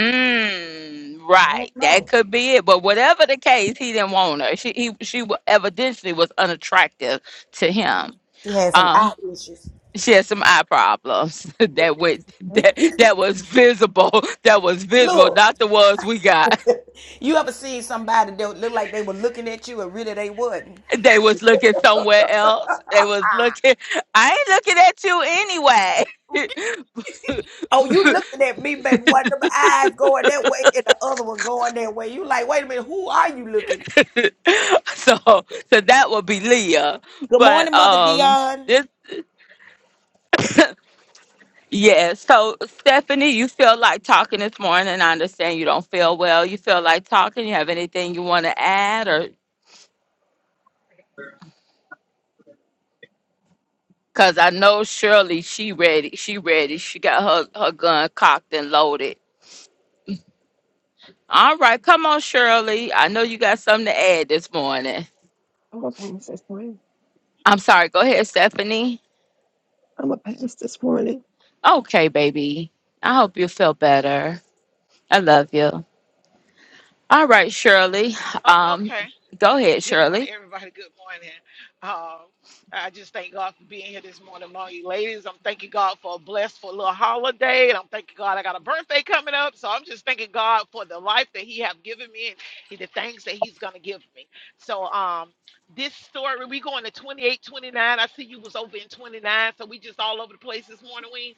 B: mm, right, that could be it. But whatever the case, he didn't want her. She he, she wa- evidently was unattractive to him.
A: She had some eye
B: Um,
A: issues.
B: she had some eye problems *laughs* that went
A: You,
B: that
A: you,
B: that was visible. *laughs* That was visible,
A: look,
B: not the ones we got. *laughs*
A: you ever seen somebody that look like they were looking at you and really they wasn't?
B: They was looking somewhere else. They was looking. I ain't looking at you anyway.
A: Oh,
B: *laughs*
A: you looking at me, baby. One of my eyes going that way and the other one going that way. You like, wait a minute, who are you looking at?
B: *laughs* so so that would be Leah.
A: Good
B: But
A: morning, Mother
B: um
A: Dion.
B: this yeah, so Stephanie, you feel like talking this morning. I understand you don't feel well. You feel like talking. You have anything you want to add or cuz I know Shirley, she ready. She ready. She got her her gun cocked and loaded. All right, come on Shirley. I know you got something to add this morning.
D: I'm going to pass this morning.
B: I'm sorry. Go ahead, Stephanie.
D: I'm going to pass this morning.
B: Okay, baby. I hope you feel better. I love you. All right, Shirley.
E: Oh,
B: Um,
E: okay.
B: go
E: Uh,
B: ahead,
E: Good morning,
B: Shirley.
E: everybody. Good morning. Um, I just thank God for being here this morning among you ladies. I'm thanking God for a blessed for a little holiday, and I'm thanking God I got a birthday coming up. So I'm just thanking God for the life that He have given me and the things that He's gonna give me. So um, this story we going to 28, 29. I see you was over in 29, so we just all over the place this morning. We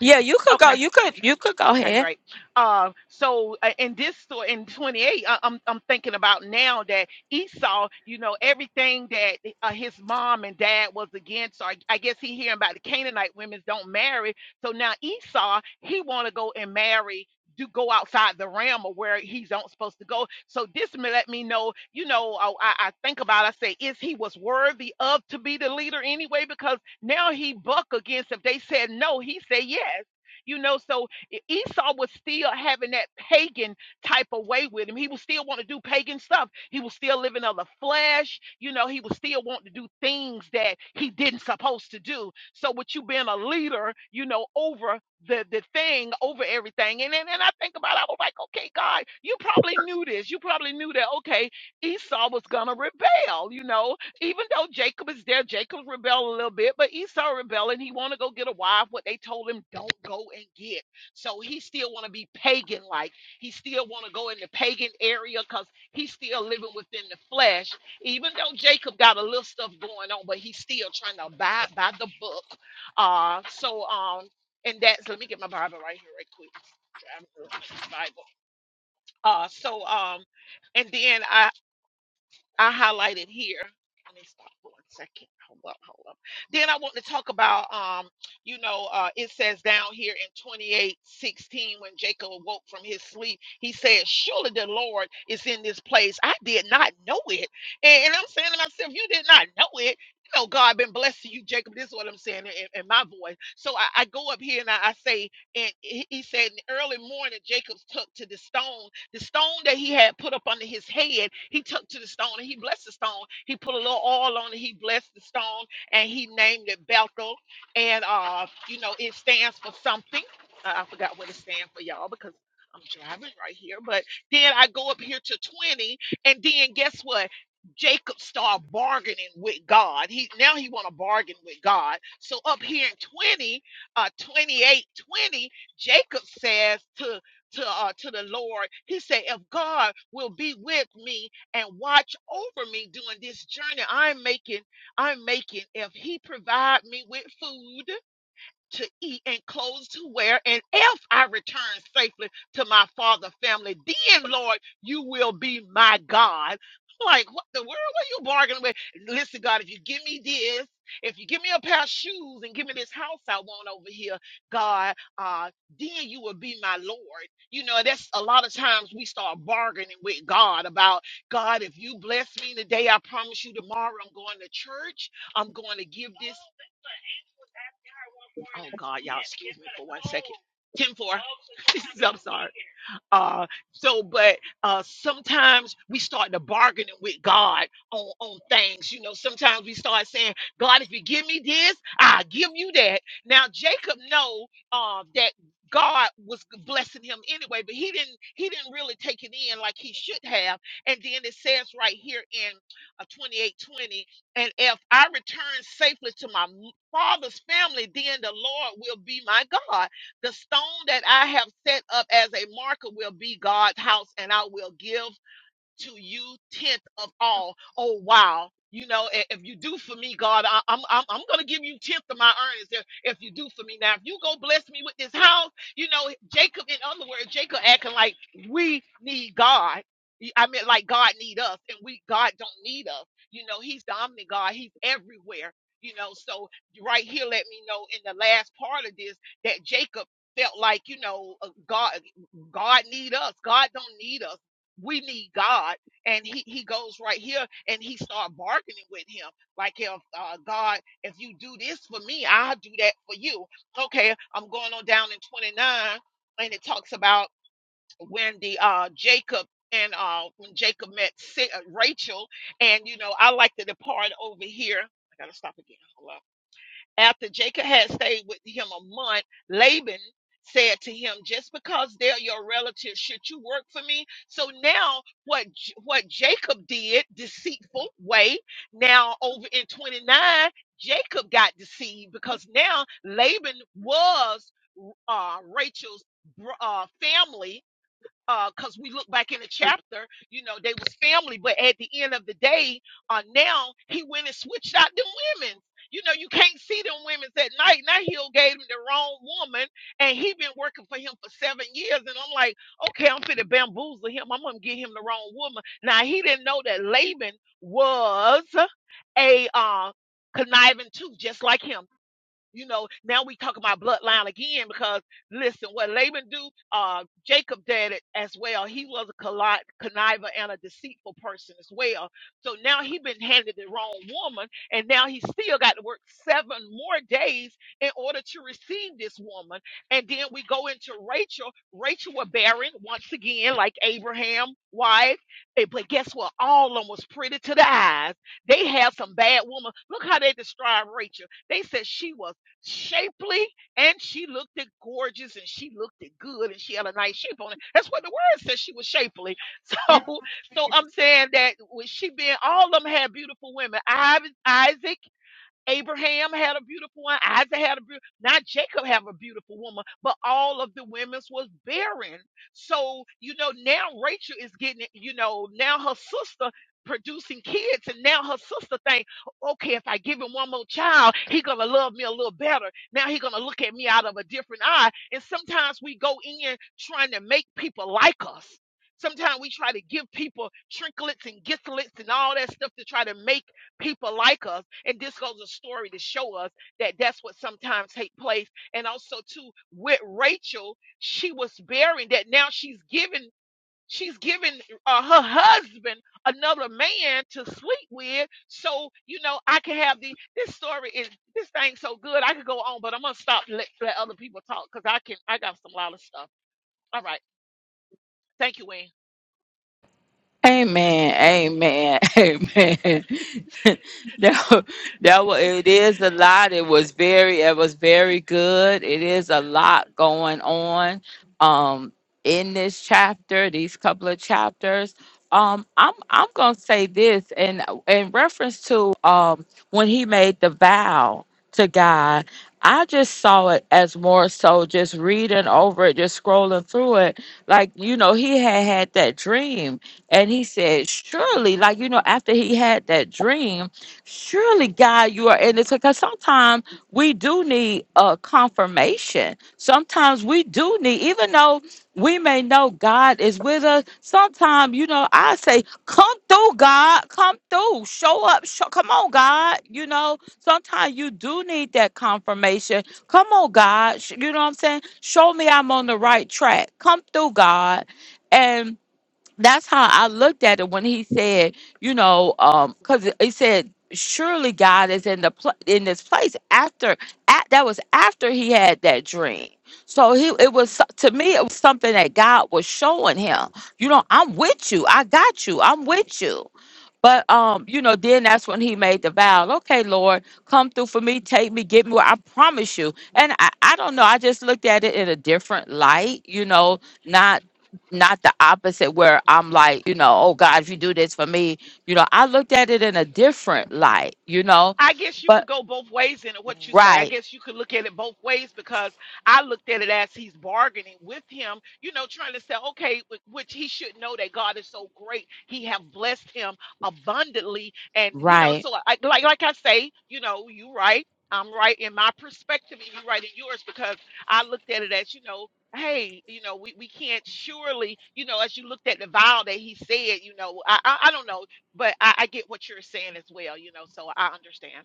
B: Yeah, you could go.
E: okay?
B: You could. You could go
E: Okay,
B: ahead.
E: great. Uh, so uh, in this story, in 28, I, I'm I'm thinking about now that Esau, you know, everything that uh, his mom and dad was against. So I, I guess he hearing about the Canaanite women don't marry. So now Esau, he want to go and marry. Do go outside the realm of where he's not supposed to go. So this may let me know, you know, I, I I think about. I say, is he was worthy of to be the leader anyway? Because now he buck against if they said no, he said yes you know so E- Esau was still having that pagan type of way with him. He would still want to do pagan stuff. He was still living of the flesh. You know, he was still wanting to do things that he didn't supposed to do. So with you being a leader, you know, over the, the thing, over everything. And, and and I think about it, I was like, okay, God, you probably knew this. You probably knew that, okay, Esau was gonna rebel, you know. Even though Jacob is there, Jacob rebelled a little bit, but Esau rebelled and he wanna go get a wife, what they told him, don't go and get. So he still want to be pagan like. He still want to go in the pagan area because he's still living within the flesh. Even though Jacob got a little stuff going on, but he's still trying to abide by the book. Uh so um and that's let me get my Bible right here right quick. Driving real quick, Bible. Uh so um and then I. I highlighted here. Let me stop for one second. Hold up, hold up. Then I want to talk about, um, you know, uh, it says down here in 28 16. when Jacob awoke from his sleep, he said, Surely the Lord is in this place. I did not know it. And, and I'm saying to myself, You did not know it. You know, God been blessing you, Jacob. This is what I'm saying in, in my voice. So I, I go up here and I, I say, and he, he said, in the early morning, Jacob took to the stones the stone that he had put up under his head, he took to the stone and he blessed the stone. He put a little oil on it, he blessed the stone, and he named it Bethel. And uh, you know, it stands for something. Uh, I forgot what it stands for, y'all, because I'm driving right here. But then I go up here to 20, and then guess what? Jacob started bargaining with God. He now he want to bargain with God. So up here in 20, uh 28, 20, Jacob says to to, uh, to the Lord. He said, If God will be with me and watch over me during this journey I'm making, I'm making, if He provide me with food, to eat and clothes to wear, and if I return safely to my father family, then Lord, you will be my God. Like what the world are you bargaining with? Listen, God, if you give me this, if you give me a pair of shoes and give me this house I want over here, God, uh, then you will be my Lord. You know, that's a lot of times we start bargaining with God about God, if you bless me today, I promise you tomorrow I'm going to church. I'm going to give this Oh God, y'all, excuse me for one second. Ten four. *laughs* I'm sorry. Uh, so, but uh, sometimes we start to bargaining with God on, on things. You know, sometimes we start saying, God, if you give me this, I'll give you that. Now, Jacob know uh, that God was blessing him anyway, but he didn't he didn't really take it in like he should have. And then it says right here in uh, 28:20, and if I return safely to my m- father's family, then the Lord will be my God. The stone that I have set up as a marker will be God's house, and I will give to you tenth of all. Oh wow. You know, i- if you do for me, God, I, I'm I'm I'm gonna give you tenth of my earnings if, if you do for me. Now, if you go bless me with this house, you know, Jacob. In other words, Jacob acting like we need God. He- I mean, like God need us, and we God don't need us. You know, He's the omni God. He's everywhere. You know, so right here, let me know in the last part of this that Jacob felt like you know uh, God God need us. God don't need us we need God. And he, he goes right here and he start bargaining with him. Like, if uh, God, if you do this for me, I'll do that for you. Okay, I'm going on down in 29, and it talks about when the uh, Jacob and uh, when Jacob met Sa- uh, Rachel. And, you know, I like to depart over here. I got to stop again. After Jacob had stayed with him a month, Laban said to him, "Just because they're your relatives, should you work for me?" So now, what J- what Jacob did, deceitful way. Now over in twenty nine, Jacob got deceived because now Laban was uh, Rachel's br- uh, family because we look back in the chapter, you know, they was family, but at the end of the day, uh, now he went and switched out them women. You know, you can't see them women at night. Now he'll gave him the wrong woman, and he been working for him for seven years. And I'm like, okay, I'm finna bamboozle him. I'm gonna get him the wrong woman. Now he didn't know that Laban was a uh, conniving too, just like him. You know, now we talk about bloodline again because listen, what Laban do, uh, Jacob did it as well. He was a colli- conniver and a deceitful person as well. So now he been handed the wrong woman, and now he still got to work seven more days in order to receive this woman. And then we go into Rachel. Rachel was barren once again, like Abraham, wife. Eh, But guess what? All of them was pretty to the eyes. They had some bad woman. Look how they describe Rachel. They said she was shapely and she looked it gorgeous and she looked it good and she had a nice shape on it. That's what the word says she was shapely. *laughs* So so I'm saying that with she being all of them had beautiful women. Isaac Abraham had a beautiful one. Isaac had a beautiful. Not Jacob have a beautiful woman, but all of the women's was barren. So you know now Rachel is getting it. You know now her sister producing kids, and now her sister think, okay, if I give him one more child, he gonna love me a little better. Now he gonna look at me out of a different eye. And sometimes we go in trying to make people like us. Sometimes we try to give people trinkets and giftlets and all that stuff to try to make people like us. And this goes a story to show us that that's what sometimes take place. And also too, with Rachel, she was bearing that now she's given she's given uh, her husband another man to sleep with so you know i can have the this story is this thing so good i could go on but i'm gonna stop and let, let other people talk because i can i got some lot of stuff all right thank you wayne
B: Amen. Amen. *laughs* Amen. *laughs* that, wa- that was, it is a lot. It was very it was very good. It is a lot going on um in this chapter, these couple of chapters. Um I'm I'm going to say this and in in reference to um when he made the vow to God, I just saw it as more so just reading over it, just scrolling through it. Like, you know, he had had that dream and he said, Surely, like, you know, after he had that dream, surely, God, you are in this. Because sometimes we do need a confirmation. Sometimes we do need, even though we may know God is with us, sometimes, you know, I say, Come through, God. Come through. Show up. Show, come on, God. You know, sometimes you do need that confirmation. Come on, God. sh- You know what I'm saying? Show me I'm on the right track. Come through, God. And that's how I looked at it when he said, you know, um, because he said, surely God is in the pl- in this place after at, that was after he had that dream. So he it was so- to me it was something that God was showing him. You know, I'm with you. I got you. I'm with you. But um, you know, then that's when he made the vow. Okay, Lord, come through for me, take me, get me where I promise you. And I, I don't know. I just looked at it in a different light, you know, not not the opposite where I'm like, you know, oh God, if you do this for me, you know, I looked at it in a different light, you know.
E: I guess you could
B: But
E: go both ways in what you say. I
B: right,
E: guess you could look at it both ways because I looked at it as he's bargaining with him, you know, trying to say, okay, wh- which he should know that God is so great. He have blessed him abundantly. And, you know,
B: right.
E: so I, like, like I say, you know, you right. I'm right in my perspective and you're right in yours because I looked at it as, you know, hey, you know, we, we can't surely, you know, as you looked at the vow that he said, you know, I, I, I don't know but I, I get what you're saying as well, you know, so I understand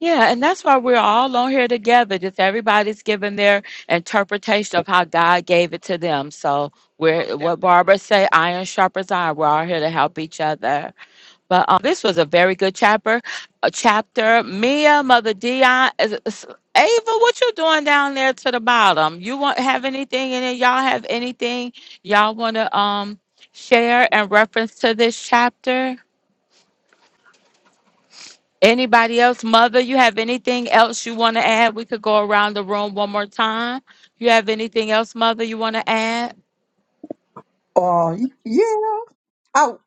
B: Yeah, and that's why we're all on here together. Just everybody's giving their interpretation of how God gave it to them. So we're
E: most
B: what
E: definitely.
B: Barbara say, iron sharpens iron. We're all here to help each other. But um, this was a very good chapter. A chapter. Mia, Mother Dion, is- is- Ava, what you doing down there to the bottom? You want have anything in it? Y'all have anything y'all want to um share in reference to this chapter? Anybody else? Mother, you have anything else you want to add? We could go around the room one more time. You have anything else, Mother? You want to add?
C: Oh yeah. Oh,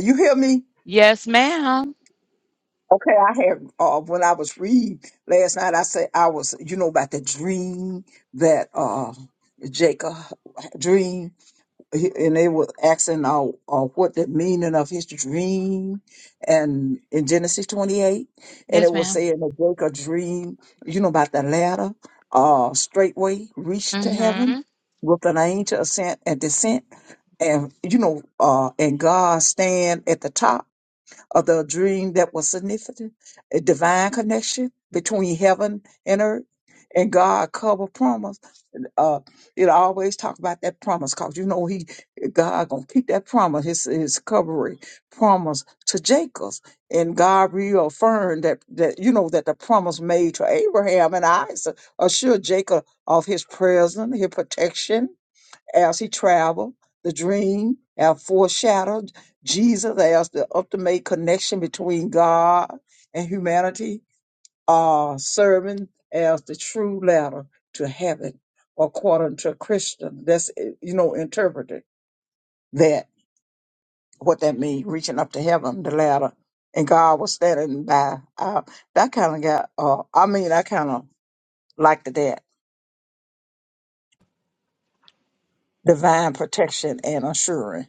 C: you hear me?
B: Yes, ma'am.
C: Okay, I had uh, when I was reading last night. I said I was, you know, about the dream that uh Jacob dream, and they were asking uh, uh what the meaning of his dream, and in Genesis twenty eight, and
B: Yes,
C: it was
B: ma'am.
C: saying that Jacob dream, you know, about the ladder, uh, straightway reached to heaven
B: Mm-hmm.
C: with an angel ascent and descent, and you know, uh, and God stand at the top of the dream that was significant, a divine connection between heaven and earth, and God cover promise. Uh, it always talk about that promise because you know he God gonna keep that promise, his his covering promise to Jacob, and God reaffirmed that that you know that the promise made to Abraham and Isaac assured Jacob of his presence, his protection, as he traveled. The dream have foreshadowed Jesus as the ultimate connection between God and humanity, uh, serving as the true ladder to heaven, according to Christian. That's, eh, you know, interpreted that, what that means, reaching up to heaven, the ladder. And God was standing by. Uh, that kind of got, uh, I mean, I kind of liked that divine protection and assurance.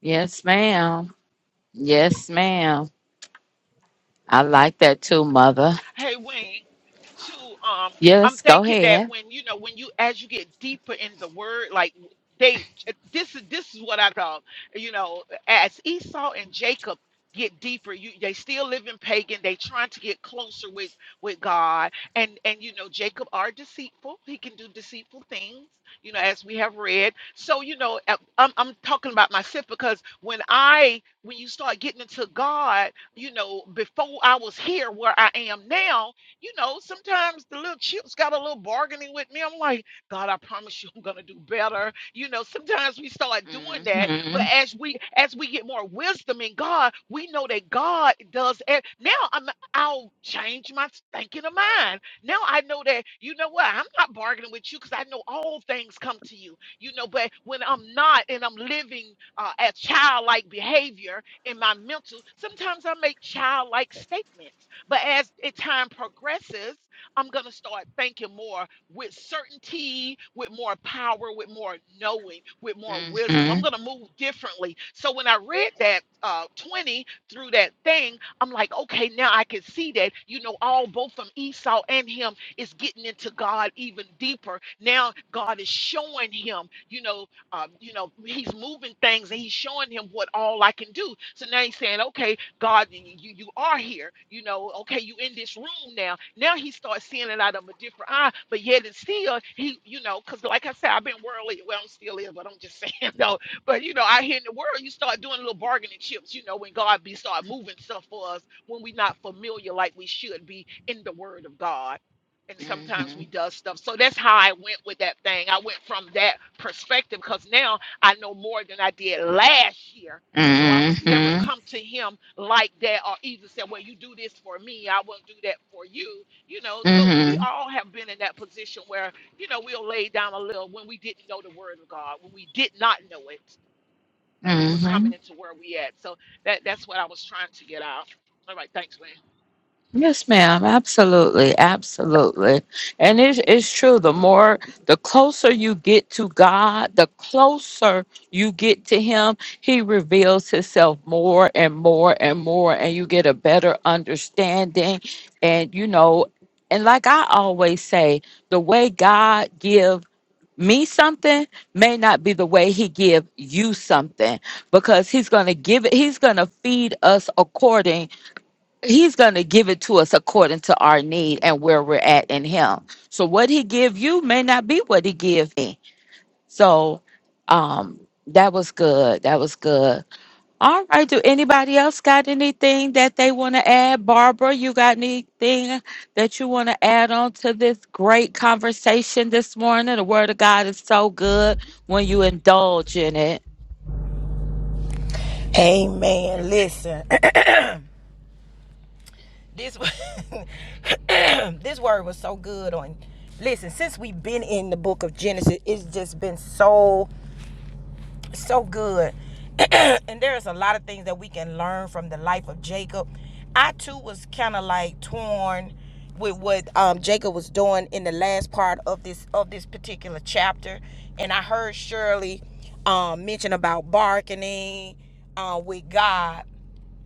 B: Yes, ma'am. Yes, ma'am. I like that too, Mother.
E: Hey Wayne, to um, I'm
B: Yes, go
E: thinking that
B: ahead.
E: when you know when you as you get deeper in the word, like they this is this is what I call you know as Esau and Jacob get deeper you they still live in pagan they trying to get closer with with god and and you know jacob are deceitful he can do deceitful things you know as we have read so you know uh, i'm, I'm talking about myself because when i when you start getting into god you know, before I was here where I am now, you know, sometimes the little chips got a little bargaining with me. I'm like, God, I promise you I'm gonna do better. You know, sometimes we start doing that, but
B: Mm-hmm.
E: as we as we get more wisdom in God, we know that God does it. Now I'm I'll change my thinking of mind. Now I know that you know what, I'm not bargaining with you because I know all things come to you, you know, but when I'm not and I'm living uh, a childlike behavior in my mental. Sometimes I make childlike statements, but as it time progresses, I'm going to start thinking more with certainty, with more power, with more knowing, with more wisdom.
B: Mm-hmm.
E: I'm going to move differently. So when I read that uh, 20 through that thing, I'm like, okay, now I can see that, you know, all both from Esau and him is getting into God even deeper. Now God is showing him, you know, uh, you know, he's moving things and he's showing him what all I can do. So now he's saying, okay, God, y- y- you, you are here. You know, okay, you in this room now. Now he starts seeing it out of a different eye, but yet it's still, he, you know, because like I said, I've been worldly. Well, I'm still is, but I'm just *laughs* saying, though. But, you know, out here in the world, you start doing little bargaining chips, you know, when God be start moving stuff for us when we're not familiar like we should be in the word of God and sometimes
B: Mm-hmm.
E: we does stuff. So that's how I went with that thing. I went from that perspective because now I know more than I did last year. So I would never
B: Mm-hmm.
E: come to him like that or either say, Well, you do this for me, I won't do that for you. You know, so we
B: Mm-hmm.
E: all have been in that position where, you know, we'll lay down a little when we didn't know the word of God, when we did not know it, and we was
B: Mm-hmm.
E: coming into where we at. So that that's what I was trying to get out. All right, thanks, man.
B: Yes, ma'am. Absolutely. Absolutely. And it is true. The more, the closer you get to God, the closer you get to Him, He reveals Himself more and more and more, and you get a better understanding. And, you know, and like I always say, the way God gives. me something may not be the way he give you something because he's going to give it he's going to feed us according he's going to give it to us according to our need and where we're at in him so what he give you may not be what he give me so um that was good that was good all right. Do anybody else got anything that they want to add? Barbara, you got anything that you want to add on to this great conversation this morning? The Word of God is so good when you indulge in it.
A: Amen. Listen, *clears throat* this *laughs* this word was so good on. Listen, since we've been in the book of Genesis, it's just been so. so good. *clears throat* and there's a lot of things that we can learn from the life of Jacob. I too was kind of like torn with what um, Jacob was doing in the last part of this of this particular chapter, and I heard Shirley um, mention about bargaining uh, with God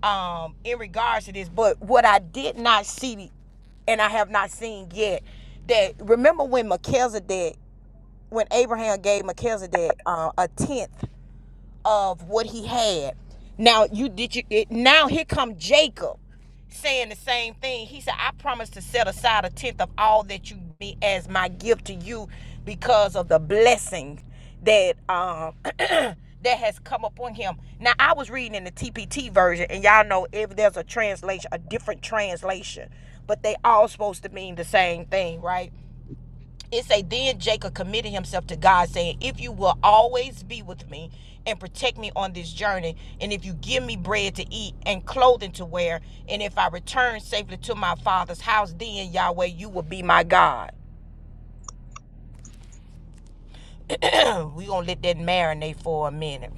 A: um, in regards to this. But what I did not see and I have not seen yet. That remember when Melchizedek, when Abraham gave Melchizedek uh, a tenth of what he had. Now you did you it, now here come Jacob saying the same thing. He said, I promise to set aside a tenth of all that you be as my gift to you because of the blessing that um *clears throat* that has come upon him. Now I was reading in the TPT version, and y'all know if there's a translation, a different translation, but they all supposed to mean the same thing, right? It say then Jacob committed himself to God, saying, "If you will always be with me and protect me on this journey, and if you give me bread to eat and clothing to wear, and if I return safely to my father's house, then Yahweh, you will be my God." *clears throat* we gonna let that marinate for a minute.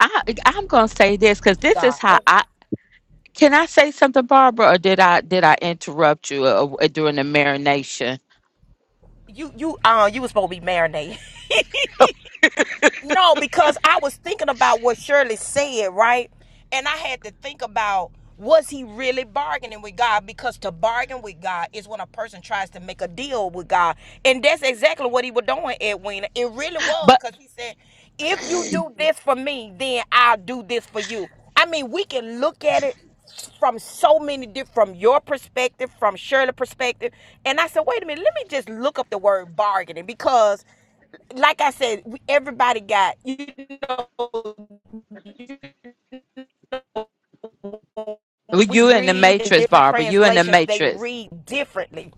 B: I I'm gonna say this because this is
A: God,
B: how I can I say something, Barbara, or did I did I interrupt you uh, uh, during the marination?
A: you you uh you was supposed to be marinating. No, because I was thinking about what Shirley said, right? And I had to think about was he really bargaining with God? Because to bargain with God is when a person tries to make a deal with God. And that's exactly what he was doing, Edwina. It really was
B: But
A: because he said, if you do this for me, then I'll do this for you. I mean, we can look at it from so many different from your perspective, from Shirley's perspective. And I said, wait a minute, let me just look up the word bargaining because like I said, we, everybody got we
B: you in the
A: read in
B: matrix,
A: different
B: Barbara. You in the
A: translations. They
B: matrix
A: read differently.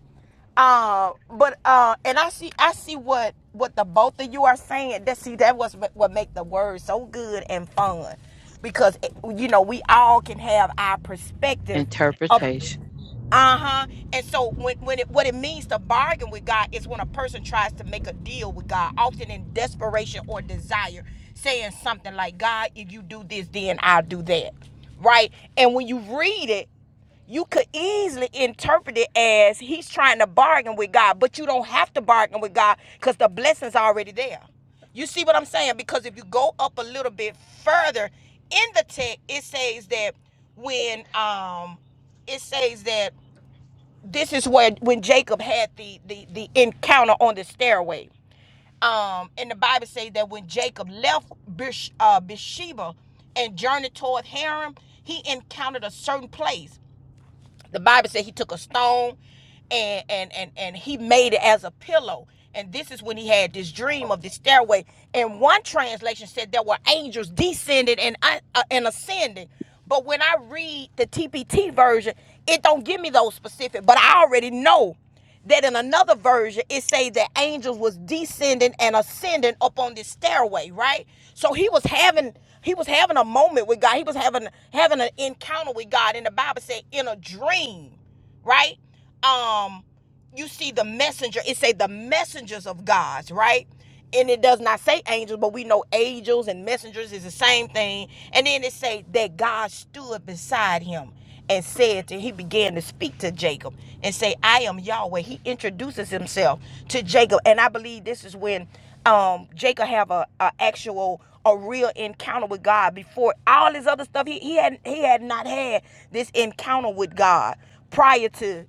A: Uh, but uh, and I see I see what what the both of you are saying. That see that was what make the words so good and fun, because eh, you know we all can have our perspective of
B: interpretation.
A: Uh-huh. And so when, when it what it means to bargain with God is when a person tries to make a deal with God, often in desperation or desire, saying something like, God, if you do this, then I'll do that. Right? And when you read it, you could easily interpret it as he's trying to bargain with God, but you don't have to bargain with God because the blessing's already there. You see what I'm saying? Because if you go up a little bit further in the text, it says that when um it says that this is where when Jacob had the the the encounter on the stairway. Um, and the Bible says that when Jacob left Beersh- uh, Beersheba and journeyed toward Haran, he encountered a certain place the bible said he took a stone and and and and he made it as a pillow and this is when he had this dream of the stairway and one translation said there were angels descending and uh, uh, and ascending but when i read the tpt version it don't give me those specific but i already know that in another version it say that angels was descending and ascending up on this stairway right so he was having he was having a moment with god he was having having an encounter with god and the bible said in a dream right um you see the messenger it say the messengers of god's right and it does not say angels, but we know angels and messengers is the same thing. And then it say that God stood beside him and said to he began to speak to Jacob and say, I am Yahweh. He introduces himself to Jacob. And I believe this is when um Jacob have a, a actual a real encounter with God before all his other stuff he, he had he had not had this encounter with God prior to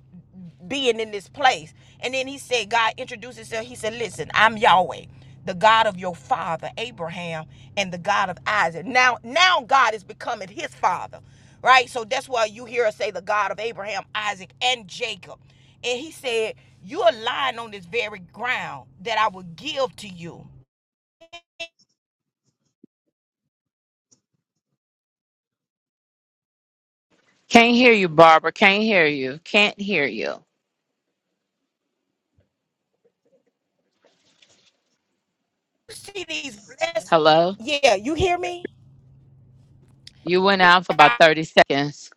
A: being in this place. And then he said, God introduced himself. He said, Listen, I'm Yahweh, the God of your father, Abraham, and the God of Isaac. Now, now God is becoming his father. Right? So that's why you hear us say the God of Abraham, Isaac, and Jacob. And he said, You're lying on this very ground that I will give to you.
B: Can't hear you, Barbara. Can't hear you. Can't hear you.
A: You see these blessings.
B: Hello.
A: Yeah, you hear me?
B: You went
A: Yeah.
B: out for
A: I
B: about 30 seconds.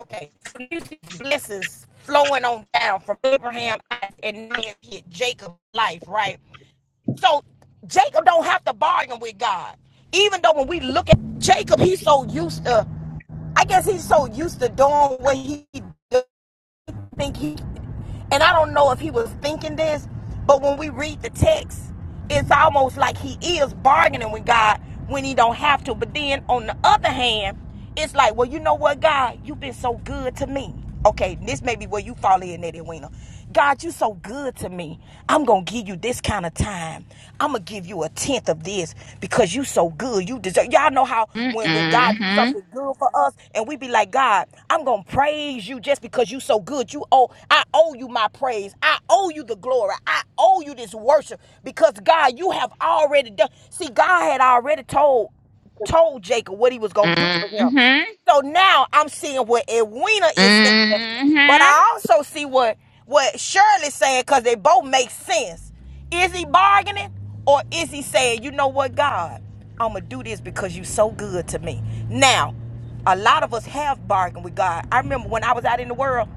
A: Okay, so you see blessings flowing on down from Abraham and now you hit Jacob's life, right? So Jacob don't have to bargain with God. Even though when we look at Jacob, he's so used to, I guess he's so used to doing what he does think he, and I don't know if he was thinking this, but when we read the text, it's almost like he is bargaining with God when he don't have to. But then on the other hand, it's like, well, you know what, God, you've been so good to me. Okay, this may be where you fall in, Eddie Wiener. God, you so good to me. I'm going to give you this kind of time. I'm going to give you a tenth of this because you so good. You deserve. Y'all know how when, when God do
B: Mm-hmm.
A: something good for us and we be like, God, I'm going to praise you just because you so good. You owe, I owe you my praise. I owe you the glory. I owe you this worship because God, you have already done. See, God had already told told Jacob what he was
B: Mm-hmm.
A: going to do for him.
B: Mm-hmm.
A: So now I'm seeing what Edwina is saying, but
B: Mm-hmm.
A: I also see what what Shirley's saying because they both make sense. Is he bargaining or is he saying, you know what, God, I'm gonna do this because you so good to me. Now, a lot of us have bargained with God. I remember when I was out in the world,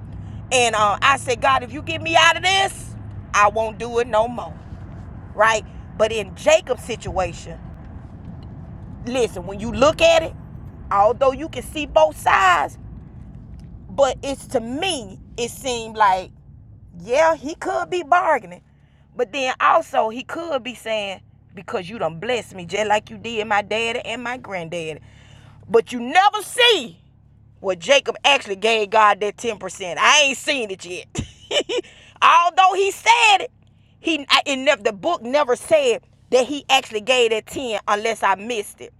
A: and uh, I said, God, if you get me out of this, I won't do it no more, right? But in Jacob's situation listen, when you look at it, although you can see both sides, but it's to me, it seemed like, yeah, he could be bargaining. But then also he could be saying, because you done blessed me just like you did my daddy and my granddaddy. But you never see. Well, Jacob actually gave God that 10%. I ain't seen it yet. *laughs* Although he said it, he I- it never, the book never said that he actually gave that 10 unless I missed it.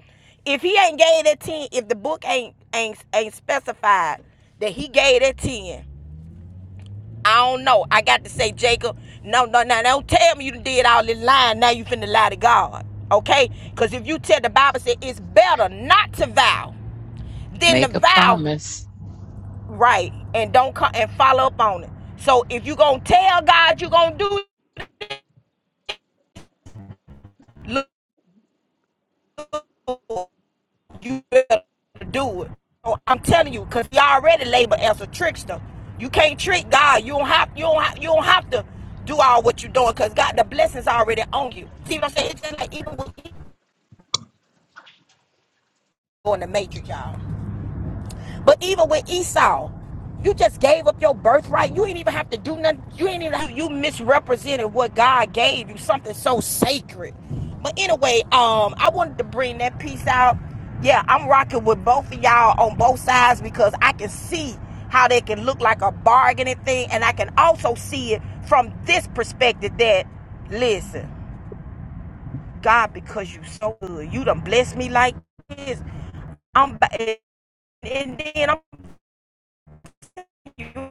A: If he ain't gave that 10, if the book ain't ain't ain't specified that he gave that 10, I don't know. I got to say, Jacob, no, no, no, don't tell me you did all this lying. Now you finna lie to God. Okay? Because if you tell the Bible said it's better not to vow than to
B: Make a
A: vow
B: promise.
A: right and don't come and follow up on it. So if you gonna tell God you gonna do it, look, you better do it. So I'm telling you, cause he already labeled as a trickster. You can't trick God. You don't have you don't have, you don't have to do all what you're doing, cause God the blessings already on you. See what I'm saying? It's just like even with on the matrix, y'all. But even with Esau, you just gave up your birthright. You ain't even have to do nothing. You ain't even have, you misrepresented what God gave you, something so sacred. But anyway, um, I wanted to bring that piece out. Yeah, I'm rocking with both of y'all on both sides because I can see how they can look like a bargaining thing, and I can also see it from this perspective that listen, God, because you so good, you done blessed me like this. I'm and then I'm you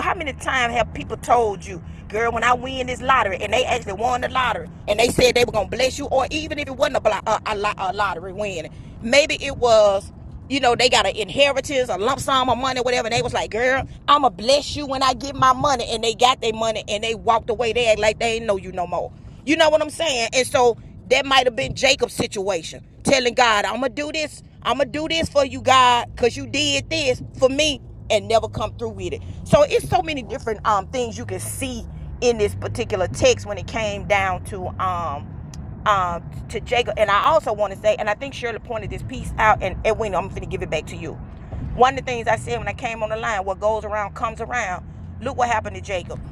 A: How many times have people told you, girl, when I win this lottery, and they actually won the lottery, and they said they were gonna bless you, or even if it wasn't a, blo- a, a, a lottery win, maybe it was, you know, they got an inheritance, a lump sum of money, whatever, and they was like, girl, I'ma bless you when I get my money, and they got their money, and they walked away, they act like they ain't know you no more. You know what I'm saying? And so that might have been Jacob's situation, telling God, "I'm gonna do this. I'm gonna do this for you, God, cause you did this for me and never come through with it." So it's so many different um things you can see in this particular text when it came down to um um, to Jacob. And I also want to say, and I think Shirley pointed this piece out, and Edwin, I'm going to give it back to you. One of the things I said when I came on the line, what goes around comes around. Look what happened to Jacob.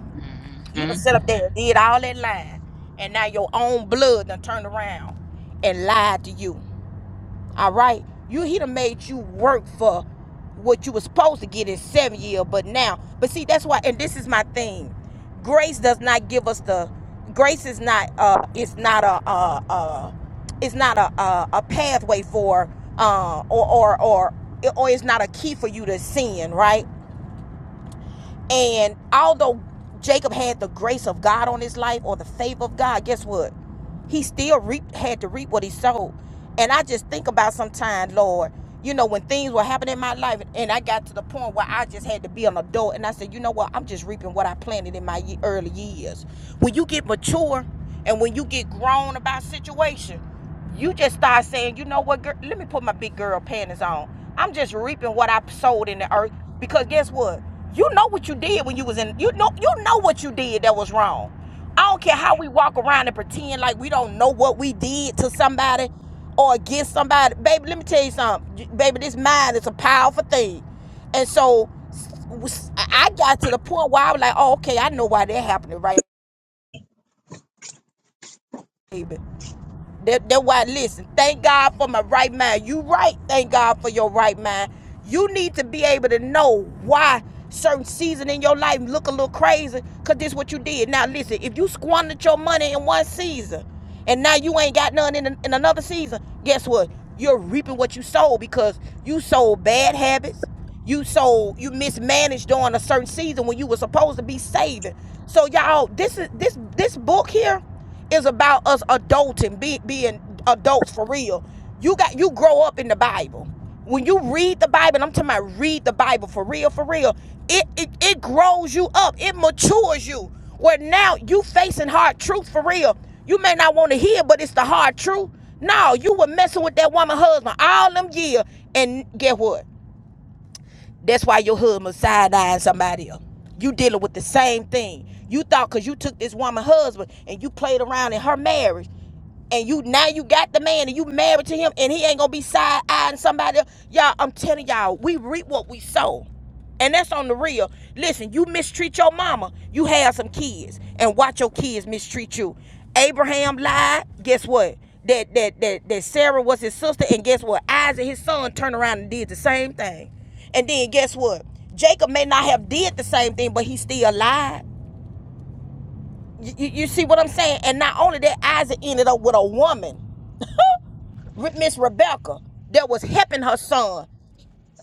A: You
B: Mm-hmm.
A: done sat up there and did all that lying. And now your own blood done turned around and lied to you. All right? You he done made you work for what you was supposed to get in seven years, but now, but see, that's why, and this is my thing. Grace does not give us the grace is not uh it's not a uh uh it's not a a, a pathway for uh or or or or it's not a key for you to sin, right? And although Jacob had the grace of God on his life or the favor of God, guess what? He still reaped, had to reap what he sowed. And I just think about sometimes, Lord, you know, when things were happening in my life and I got to the point where I just had to be an adult and I said, you know what, I'm just reaping what I planted in my ye- early years. When you get mature and when you get grown about situation, you just start saying, you know what, girl, let me put my big girl panties on. I'm just reaping what I sowed in the earth because guess what? You know what you did when you was in you know you know what you did that was wrong. I don't care how we walk around and pretend like we don't know what we did to somebody or against somebody. Baby, let me tell you something. Baby, this mind is a powerful thing. And so I I got to the point where I was like, oh, okay, I know why that happened right, baby. That that why listen, thank God for my right mind. You right, thank God for your right mind. You need to be able to know why certain season in your life look a little crazy, cause this is what you did. Now listen, if you squandered your money in one season and now you ain't got none in, in another season, guess what? You're reaping what you sold because you sold bad habits. You sold, you mismanaged during a certain season when you were supposed to be saving. So y'all, this is this this book here is about us adulting, be, being adults for real. You got you grow up in the Bible. When you read the Bible, and I'm talking about read the Bible for real, for real. It it, it grows you up. It matures you. Where now you facing hard truth for real. You may not want to hear, but it's the hard truth. No, you were messing with that woman husband all them years, and get what? That's why your husband side eyeing somebody else. You dealing with the same thing. You thought because you took this woman husband and you played around in her marriage, and you now you got the man and you married to him, and he ain't gonna be side eyeing somebody else. Y'all, I'm telling y'all, we reap what we sow. And that's on the real. Listen, you mistreat your mama, you have some kids, and watch your kids mistreat you. Abraham lied. Guess what? That that that that Sarah was his sister, and guess what? Isaac, his son, turned around and did the same thing. And then guess what? Jacob may not have did the same thing, but he still lied. You, you, you see what I'm saying? And not only that, Isaac ended up with a woman, Miss Rebecca, that was helping her son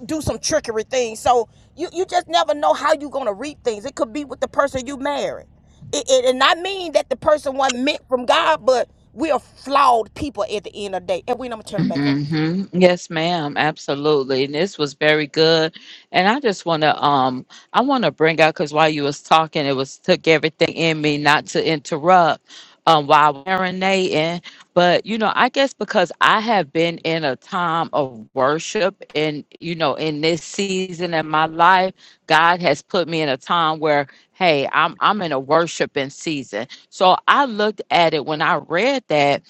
A: do some trickery things. So you you just never know how you gonna reap things. It could be with the person you marry. It, it and I mean that the person wasn't meant from God, but we are flawed people at the end of the day. And we I'm gonna turn it back over.
B: hmm Yes, ma'am. Absolutely. And this was very good. And I just want to um I want to bring out because while you was talking, it was took everything in me not to interrupt um while I was marinating. But you know, I guess because I have been in a time of worship and you know, in this season in my life, God has put me in a time where hey, I'm I'm in a worshiping season. So I looked at it when I read that.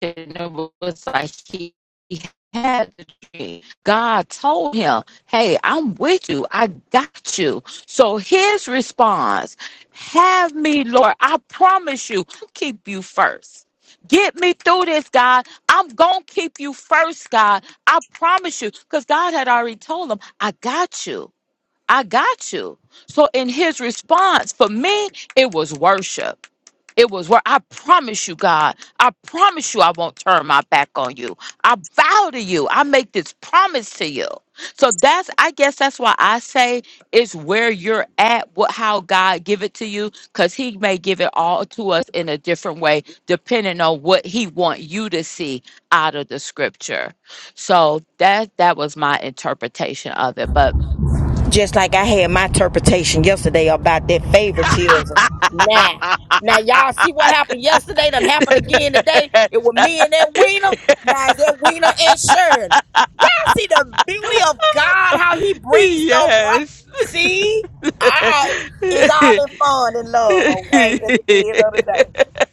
B: it was like he, he had the dream. God told him, Hey, I'm with you. I got you. So his response, Have me, Lord. I promise you, I'll keep you first. Get me through this, God. I'm going to keep you first, God. I promise you. Because God had already told him, I got you. I got you. So in his response, for me, it was worship. It was where I promise you, God, I promise you I won't turn my back on you. I vow to you. I make this promise to you. So that's I guess that's why I say it's where you're at, what how God give it to you, because he may give it all to us in a different way, depending on what he want you to see out of the scripture. So that that was my interpretation of it. But
A: Just like I had my interpretation yesterday about that favoritism. Nah. Now y'all see what happened yesterday done happened again today. It was me and that Wiener. Now it's that Wiener and Shirley. Y'all see the beauty of God, how he
B: *laughs*
A: brings stuff right. See? Alright. It's all
B: yes.
A: in fun and love, okay, at the end of the day.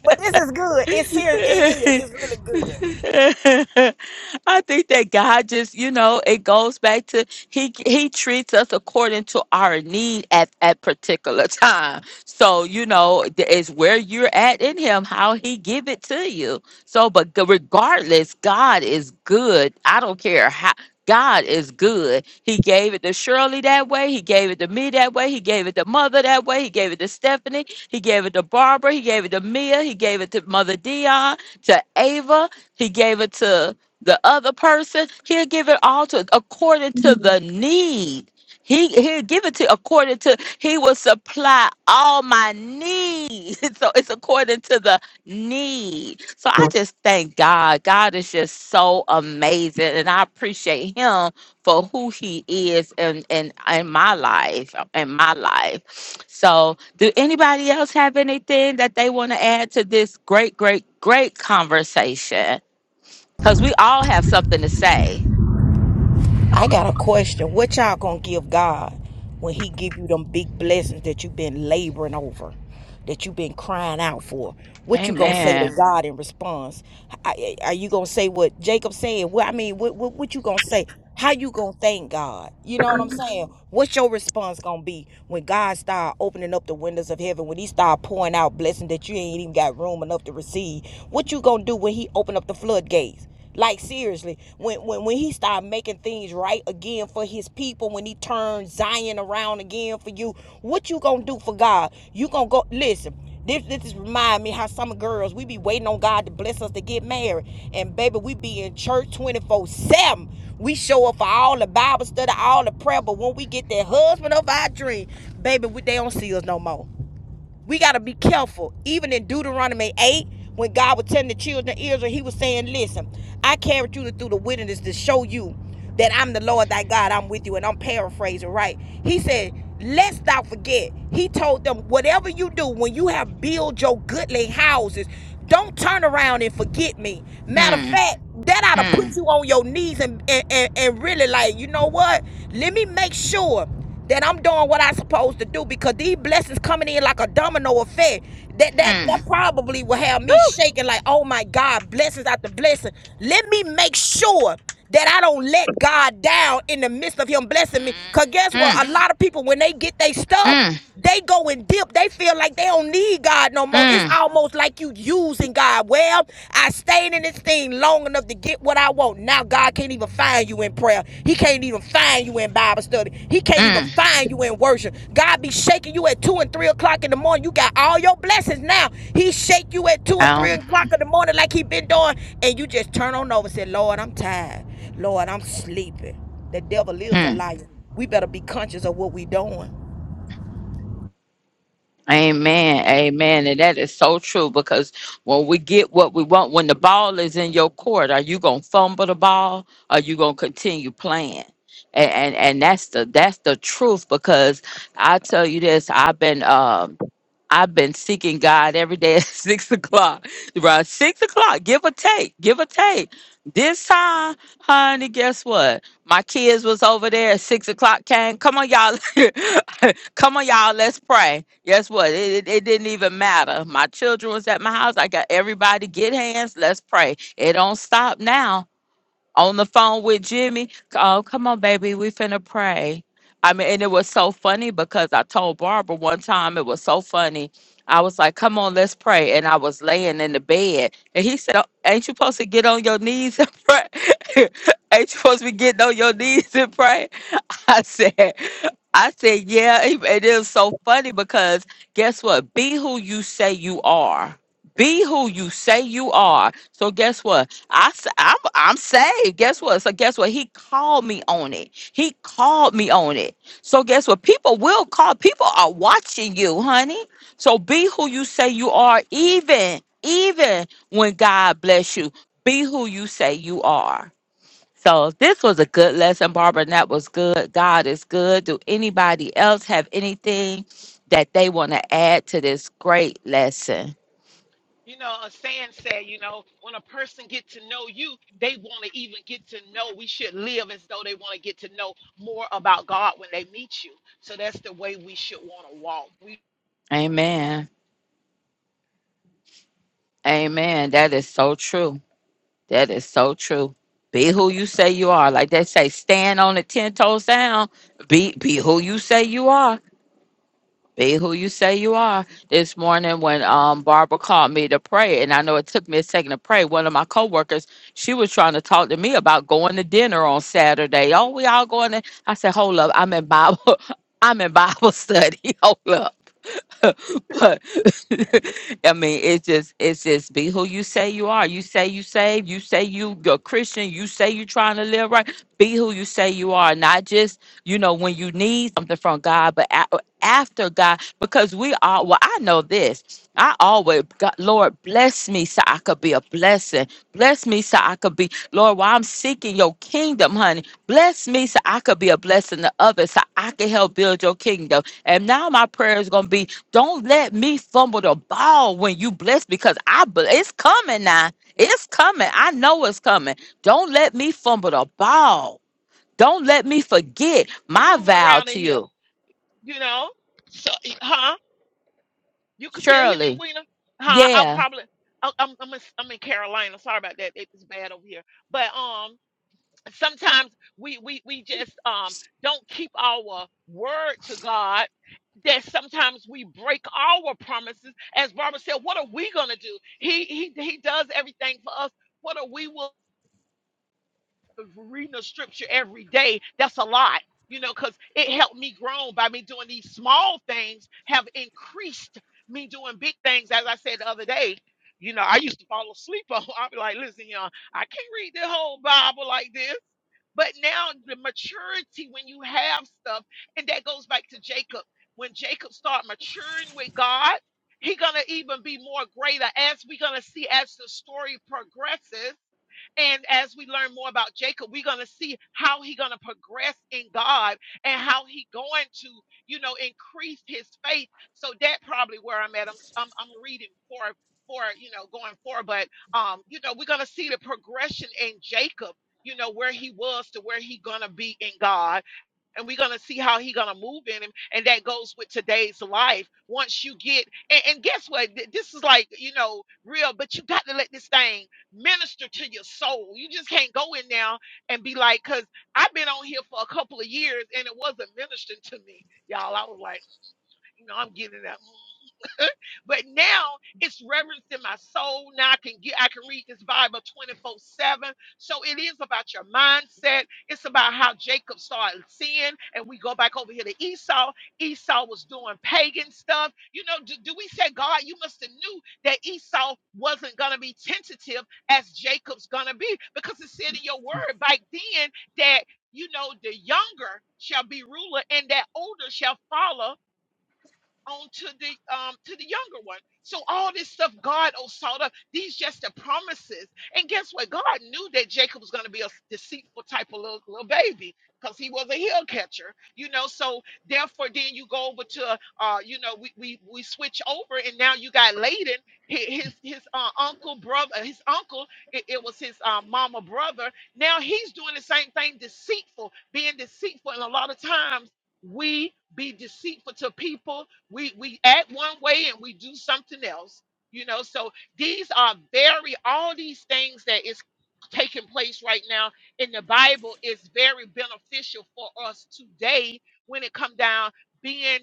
A: But this is good. It's serious. It is.
B: *laughs*
A: It's really good.
B: *laughs* I think that God just, you know, it goes back to he he treats us according to our need at at particular *laughs* time. So, you know, th- it's where you're at in him how he give it to you. So, but g- regardless, God is good. I don't care how God is good. He gave it to Shirley that way. He gave it to me that way. He gave it to Mother that way. He gave it to Stephanie. He gave it to Barbara. He gave it to Mia. He gave it to Mother Dion to Ava he gave it to the other person. He'll give it all to according to the need. He he'll give it to according to he will supply all my needs. *laughs* So it's according to the need. So I just thank God. God is just so amazing. And I appreciate him for who he is in in, in my life. In my life. So do anybody else have anything that they want to add to this great, great, great conversation? Because we all have something to say.
A: I got a question. What y'all gonna give God when He give you them big blessings that you've been laboring over, that you've been crying out for? What you gonna say to
B: Amen.
A: God in response? I- I- Are you gonna say what Jacob said? What I mean, what, what what you gonna say? How you gonna thank God? You know what I'm saying? What's your response gonna be when God start opening up the windows of heaven? When He start pouring out blessings that you ain't even got room enough to receive? What you gonna do when He open up the floodgates? Like seriously, when when when he started making things right again for his people, when he turned Zion around again for you, what you gonna do for God? You gonna go listen. This this is remind me how some girls we be waiting on God to bless us to get married, and baby we be in church twenty four seven. We show up for all the Bible study, all the prayer, but when we get that husband of our dream, baby, we, they don't see us no more. We got to be careful. Even in Deuteronomy 8, when God was telling the children of Israel, he was saying, Listen, I carried you through the wilderness to show you that I'm the Lord thy God. I'm with you. And I'm paraphrasing, right? He said, Lest thou forget. He told them, Whatever you do, when you have built your goodly houses, don't turn around and forget me. Matter of
B: Hmm,
A: fact, that ought to
B: hmm,
A: put you on your knees and, and, and, and really, like, you know what? Let me make sure that I'm doing what I'm supposed to do because these blessings coming in like a domino effect. That that
B: hmm.
A: that probably will have me
B: Woo!
A: shaking like, oh my God, blessings after blessing. Let me make sure that I don't let God down in the midst of Him blessing me.
B: Mm,
A: Cause guess
B: mm,
A: what? A lot of people when they get their stuff,
B: mm,
A: they go and dip. They feel like they don't need God no more. It's
B: mm,
A: almost like you using God. Well, I stayed in this thing long enough to get what I want. Now God can't even find you in prayer. He can't even find you in Bible study. He can't even
B: mm.
A: find you in worship. God be shaking you at two and three o'clock in the morning. You got all your blessings now. He shake you at two and three
B: Um,
A: o'clock in the morning like he been doing, and you just turn on over and say, Lord, I'm tired. Lord, I'm sleeping. The devil
B: mm,
A: is a
B: hmm.
A: liar. We better be conscious of what we doing.
B: Amen. Amen. And that is so true because when we get what we want, when the ball is in your court, are you gonna fumble the ball? Or are you gonna continue playing? And, and and that's the that's the truth because I tell you this, I've been um I've been seeking God every day at *laughs* six o'clock. Right, six o'clock, give or take, give or take. This time, honey, guess what? My kids was over there at six o'clock. Came, come on, y'all, *laughs* come on, y'all, let's pray. Guess what? It, it, it didn't even matter. My children was at my house. I got everybody get hands. Let's pray. It don't stop now on the phone with Jimmy. Oh, come on, baby, we finna pray. I mean, and it was so funny because I told Barbara one time it was so funny. I was like, "Come on, let's pray," and I was laying in the bed, and he said, "Oh, "Ain't you supposed to get on your knees and pray? *laughs* Ain't you supposed to be getting on your knees and pray?" *laughs* I said, I said, yeah, it it is so funny because guess what? Be who you say you are. Be who you say you are. So guess what? I s- I'm I'm saved. Guess what? So guess what? He called me on it. He called me on it. So guess what? People will call. People are watching you, honey. So be who you say you are, even even when God bless you. Be who you say you are. So this was a good lesson, Barbara, and that was good. God is good. Do anybody else have anything that they want to add to this great lesson?
E: You know, a saying said, you know, when a person get to know you, they want to even get to know. We should live as though they want to get to know more about God when they meet you. So that's the way we should want to walk. We
B: Amen. Amen. That is so true. That is so true. Be who you say you are. Like they say, stand on the ten toes down. Be be who you say you are Be who you say you are. This morning, when um Barbara called me to pray, and I know it took me a second to pray. One of my coworkers, she was trying to talk to me about going to dinner on Saturday. Oh, we all going to? I said, hold up, I'm in Bible. *laughs* I'm in Bible study. *laughs* Hold up. *laughs* but *laughs* I mean, it's just it's just be who you say you are. You say you saved. You say you you're Christian. You say you're trying to live right. Be who you say you are, not just you know when you need something from God, but a- after God, because we all. Well, I know this. I always God, Lord bless me so I could be a blessing. Bless me so I could be Lord. While I'm seeking Your kingdom, honey, bless me so I could be a blessing to others, so I can help build Your kingdom. And now my prayer is going to be don't let me fumble the ball when you bless because I bel- it's coming now. It's coming. I know it's coming. Don't let me fumble the ball. Don't let me forget
E: just
B: my
E: moving
B: vow
E: around in
B: to
E: here,
B: you.
E: you know. So, huh? You can still hear me,
B: Surely,
E: Weena? Huh? I'll
B: Yeah.
E: probably. I- I'm I'm in, I'm in Carolina. Sorry about that. It's bad over here. But um, sometimes we we we just um don't keep our word to God that sometimes we break our promises as Barbara said what are we going to do he he he does everything for us what are we willing reading the scripture every day, that's a lot, you know, because it helped me grow by me doing these small things have increased me doing big things. As I said the other day, you know, I used to fall asleep on. *laughs* I'd be like, listen, y'all, I can't read the whole Bible like this. But now the maturity when you have stuff, and that goes back to Jacob. When Jacob start maturing with God, he gonna even be more greater as we're gonna see as the story progresses and as we learn more about Jacob, we're going to see how he's going to progress in God and how he going to, you know, increase his faith. So that probably where I'm at. I'm I'm, I'm reading for for you know going forward, but um, you know, we're going to see the progression in Jacob. You know where he was to where he gonna be in God, and we're gonna see how he gonna move in him and that goes with today's life once you get and, and guess what Th- this is like you know real but you got to let this thing minister to your soul you just can't go in now and be like because i've been on here for a couple of years and it wasn't ministering to me y'all i was like you know i'm getting that *laughs* but now it's reverence in my soul. Now I can get, I can read this Bible 24 7. So it is about your mindset. It's about how Jacob started sin, And we go back over here to Esau. Esau was doing pagan stuff. You know, do, do we say, God, you must have knew that Esau wasn't going to be tentative as Jacob's going to be? Because it said in your word back then that, you know, the younger shall be ruler and that older shall follow on to the um to the younger one. So all this stuff God oh sought up, these just the promises. And guess what? God knew that Jacob was gonna be a deceitful type of little, little baby because he was a heel catcher, you know. So therefore then you go over to uh, you know, we we we switch over and now you got Laden, hi- his his uh, uncle, brother, his uncle, it, it was his uh, mama brother. Now he's doing the same thing, deceitful, being deceitful, and a lot of times we be deceitful to people we we act one way and we do something else you know so these are very all these things that is taking place right now in the bible is very beneficial for us today when it come down being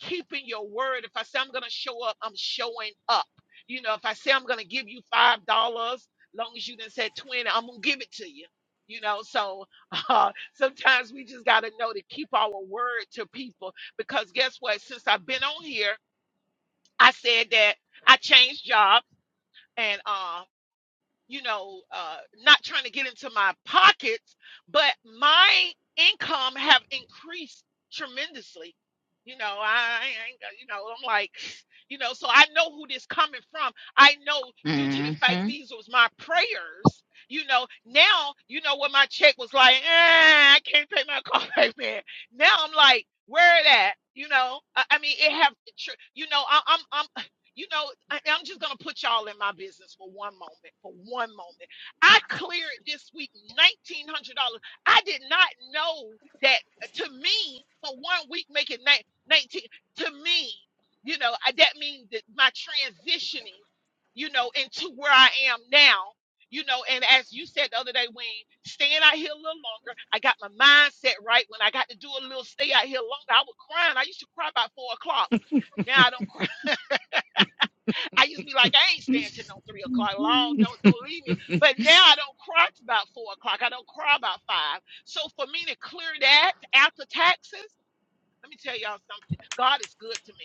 E: keeping your word if i say i'm going to show up i'm showing up you know if i say i'm going to give you five dollars long as you didn't say 20 i'm going to give it to you you know so *laughs* uh, sometimes we just got to know to keep our word to people because guess what? Since I've been on here, I said that I changed jobs and um you know, uh, not trying to get into my pockets, but my income have increased tremendously. You know, I, ain't, got- you know, I'm like, *sighs* you know, so I know who this coming from. I know due to the
B: hmm
E: fact these was my prayers, you know, now, you know, when my check was like, eh, I can't pay my car *laughs* payment. Now I'm like, where it at? You know, I, I mean, it have, tr- you know, I, I'm, I'm you know, I, I'm just going to put y'all in my business for one moment. For one moment. I cleared this week $1,900. I did not know that uh, to me, for one week making nine- 19 to me, you know, I, that means that my transitioning, you know, into where I am now, you know, and as you said the other day, Wayne, staying out here a little longer, I got my mindset right. When I got to do a little stay out here longer, I was crying. I used to cry about four o'clock. Now I don't cry. I used to be like, I ain't staying till no three o'clock. Long, don't don't leave me. But now I don't cry till about four o'clock. I don't cry about five. So for me to clear that after taxes, let me tell y'all something. God is good to me.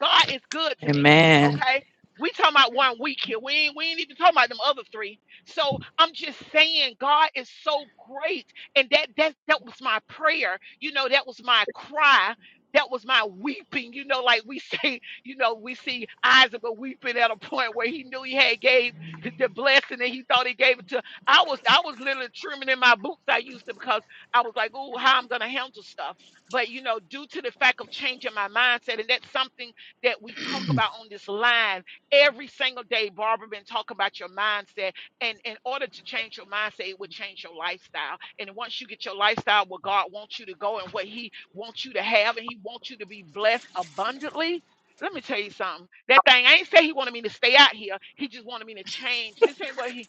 E: God is good to me.
B: Amen.
E: Okay. We talking about one week here. We ain't we ain't even talking about them other three. So I'm just saying God is so great. And that that that was my prayer. You know, that was my cry. That was my weeping. You know, like we *laughs* say, you know, we see Isaac was weeping at a point where he knew he had gave the the blessing and he thought he gave it to. I was I was literally trimming in my boots I used to because I was like, oh, how I'm gonna handle stuff. But you know, due to the fact of changing my mindset, and that's something that we talk about on this line every single day. Barbara been talking about your mindset, and in order to change your mindset, it would change your lifestyle. And once you get your lifestyle where God wants you to go and what He wants you to have, and He wants you to be blessed abundantly. Let me tell you something. That thing I ain't say he wanted me to stay out here. He just wanted me to change. This ain't what he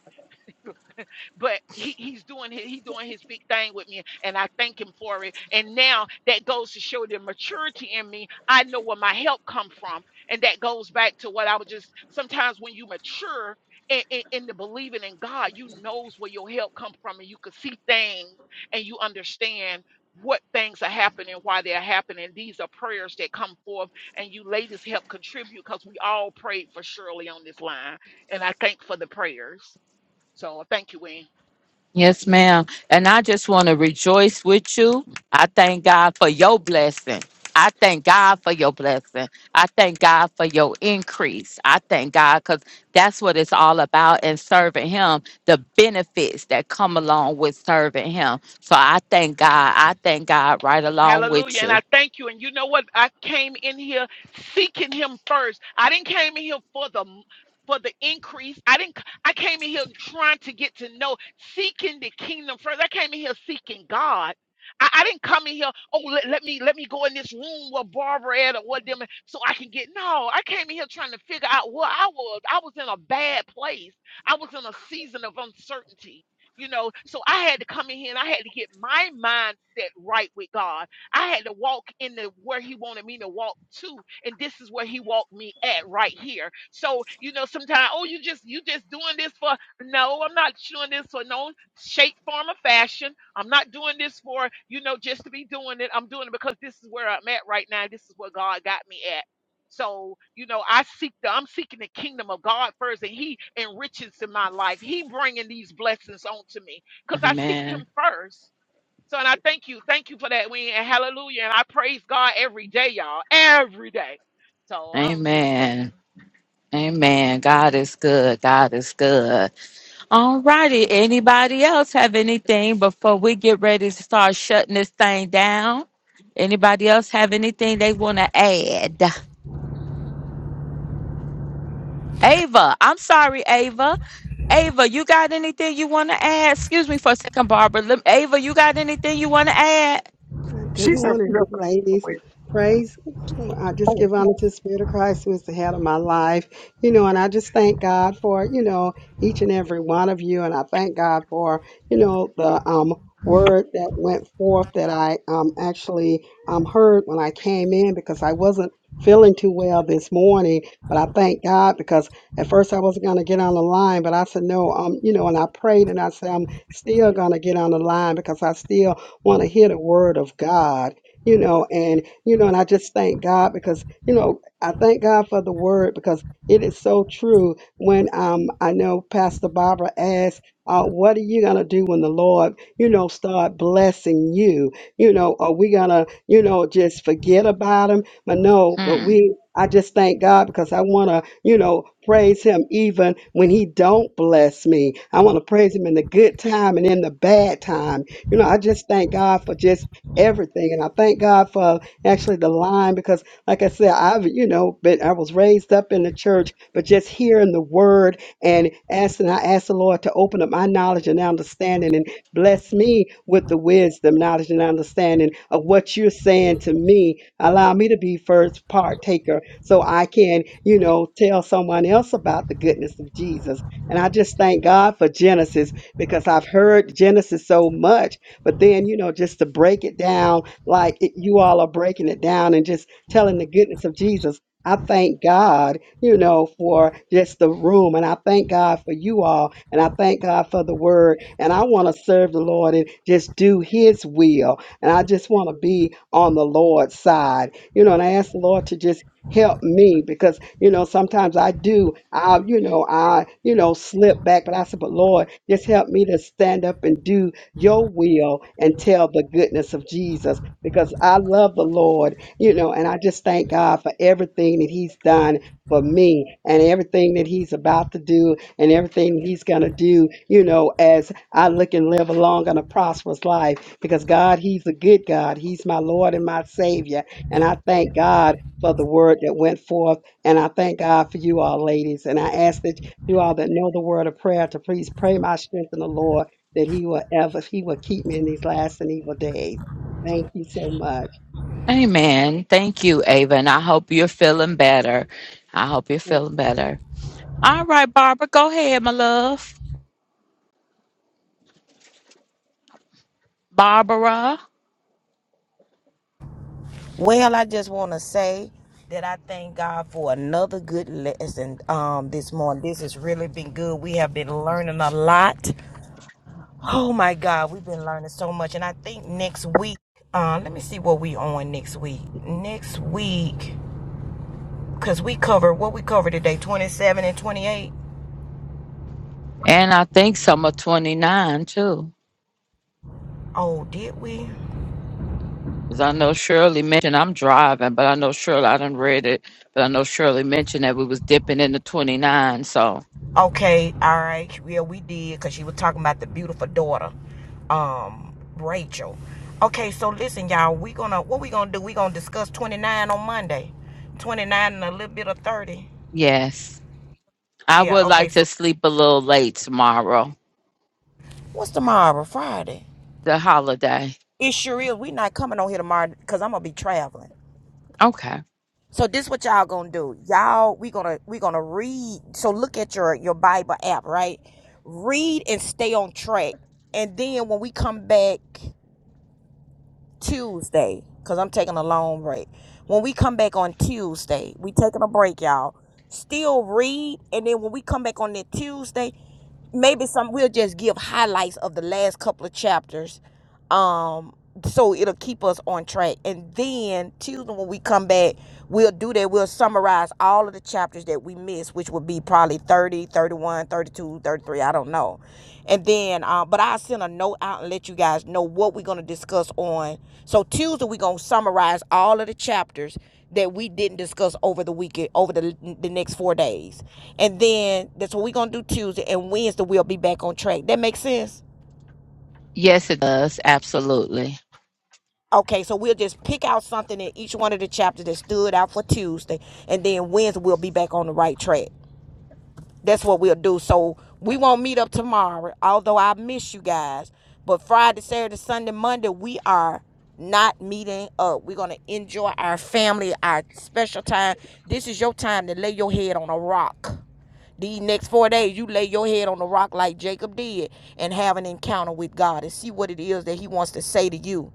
E: but he, he's doing his, he doing his big thing with me and i thank him for it and now that goes to show the maturity in me i know where my help come from and that goes back to what i was just sometimes when you mature in, in, in the believing in god you knows where your help come from and you can see things and you understand what things are happening why they're happening these are prayers that come forth and you ladies help contribute because we all prayed for shirley on this line and i thank for the prayers so thank you wayne
B: Yes, ma'am. And I just want to rejoice with you. I thank God for your blessing. I thank God for your blessing. I thank God for your increase. I thank God because that's what it's all about and serving Him, the benefits that come along with serving Him. So I thank God. I thank God right along with
E: Hallelujah. And
B: you.
E: I thank you. And you know what? I came in here seeking him first. I didn't came in here for the for the increase. I didn't I came in here trying to get to know, seeking the kingdom first. I came in here seeking God. I, I didn't come in here, oh let, let me let me go in this room where Barbara at or what them so I can get no. I came in here trying to figure out what I was. I was in a bad place. I was in a season of uncertainty. You know, so I had to come in here and I had to get my mindset right with God. I had to walk in the where he wanted me to walk to, and this is where he walked me at right here. So you know, sometimes oh, you just you just doing this for no, I'm not doing this for no shape, form, or fashion. I'm not doing this for you know just to be doing it. I'm doing it because this is where I'm at right now. This is where God got me at. So, you know, I seek the, I'm seeking the kingdom of God first and he enriches in my life. He bringing these blessings onto me because I seek him
B: Amen.
E: first. So, and I thank you. Thank you for that win. And hallelujah. And I praise God every day, y'all. Every day. So I'm just saying.
B: Amen. Amen. God is good. God is good. All righty. Anybody else have anything before we get ready to start shutting this thing down? Anybody else have anything they want to add? Ava, I'm sorry, Ava. Ava, you got anything you want to add? Excuse me for a second, Barbara. Lem- Ava, you got anything you want to add?
F: Uh, Good morning, ladies. Praise. I just give honor to the Spirit of Christ who is the head of my life. You know, and I just thank God for, you know, each and every one of you. And I thank God for, you know, the um word that went forth that I um actually um heard when I came in because I wasn't feeling too well this morning. But I thank God because at first I wasn't gonna get on the line, but I said no, um, you know, and I prayed and I said I'm still gonna get on the line because I still want to hear the word of God, you know, and, you know, and I just thank God because, you know, I thank God for the word because it is so true. When um, I know Pastor Barbara asked, uh, what are you going to do when the Lord, you know, start blessing you? You know, are we going to, you know, just forget about him? But no, but
B: Mm.
F: we, I just thank God because I want to, you know, praise him even when he don't bless me. I want to praise him in the good time and in the bad time you know, I just thank God for just everything. And I thank God for actually the line because, like I said, I've, you know, been, I was raised up in the church, but just hearing the word and asking, I asked the Lord to open up my knowledge and understanding and bless me with the wisdom, knowledge, and understanding of what you're saying to me. Allow me to be first partaker so I can, you know, tell someone else about the goodness of Jesus. And I just thank God for Genesis because I've heard Genesis so much but then, you know, just to break it down like it, you all are breaking it down and just telling the goodness of Jesus. I thank God, you know, for just the room. And I thank God for you all. And I thank God for the word. And I want to serve the Lord and just do his will. And I just want to be on the Lord's side, you know, and I ask the Lord to just help me because you know sometimes i do i you know i you know slip back but i said but lord just help me to stand up and do your will and tell the goodness of Jesus because I love the Lord, you know, and I just thank God for everything that He's done for me and everything that He's about to do and everything He's going to do, you know, as I look and live a long and a prosperous life because God, He's a good God. He's my Lord and my Savior. And I thank God. For the word that went forth, and I thank God for you all, ladies. And I ask that you all that know the word of prayer to please pray my strength in the Lord that he will ever, he will keep me in these last and evil days. Thank you so much.
B: Amen. Thank you, Ava, and I hope you're feeling better. I hope you're feeling better. All right, Barbara, go ahead, my love. Barbara,
A: Well, I just want to say that I thank God for another good lesson um, this morning. This has really been good. We have been learning a lot. Oh my God, we've been learning so much. And I think next week, uh, let me see what we on next week. Next week, because we covered what we covered today, 27 and 28.
B: and I think summer 29 too.
A: Oh, did we?
B: 'Cause I know Shirley mentioned I'm driving, but I know Shirley. I didn't read it, but I know Shirley mentioned that we was dipping into 29. So
A: Okay, all right. Yeah, we did because she was talking about the beautiful daughter, um, Rachel. Okay, so listen, y'all. We gonna what we gonna do? We gonna discuss twenty nine on Monday, twenty nine and a little bit of thirty.
B: yes, I
A: Yeah.
B: would
A: Okay.
B: like
A: So
B: to sleep a little late tomorrow,
A: what's tomorrow? Friday.
B: the holiday.
A: It sure is. We not coming on here tomorrow because I'm gonna be traveling.
B: Okay.
A: So this what y'all gonna do? Y'all, we gonna we gonna read. So look at your your Bible app, right? Read and stay on track. And then when we come back. Tuesday because I'm taking a long break. When we come back on Tuesday, we taking a break, y'all. Still read, and then when we come back on that Tuesday, maybe some we'll just give highlights of the last couple of chapters um so it'll keep us on track and then tuesday when we come back we'll do that we'll summarize all of the chapters that we missed which would be probably 30, 31, 32, 33. i don't know and then uh, but i'll send a note out and let you guys know what we're going to discuss on so tuesday we're going to summarize all of the chapters that we didn't discuss over the weekend over the, the next four days and then that's what we're going to do tuesday and wednesday we'll be back on track that makes sense
B: Yes, it does. Absolutely.
A: Okay, so we'll just pick out something in each one of the chapters that stood out for Tuesday, and then Wednesday we'll be back on the right track. That's what we'll do. So we won't meet up tomorrow, although I miss you guys. But Friday, Saturday, Sunday, Monday, we are not meeting up. We're gonna enjoy our family, our special time. This is your time to lay your head on a rock. These next four days, you lay your head on the rock like Jacob did and have an encounter with God and see what it is that He wants to say to you.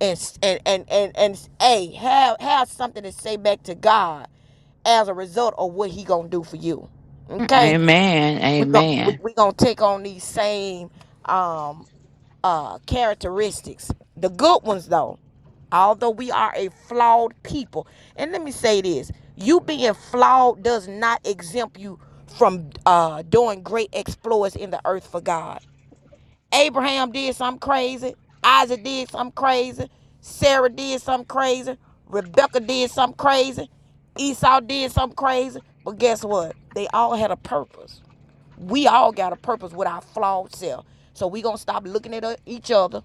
A: And and and and, and hey, have have something to say back to God as a result of what He gonna do for you. Okay,
B: Amen.
A: we gon' we,
B: Amen.
A: we gonna take on these same um uh characteristics. The good ones though, although we are a flawed people. And let me say this, you being flawed does not exempt you from uh doing great exploits in the earth for God. Abraham did something crazy, Isaac did something crazy, Sarah did something crazy, Rebecca did something crazy, Esau did something crazy, but guess what? They all had a purpose we all got a purpose with our flawed self. So we gonna stop looking at uh, each other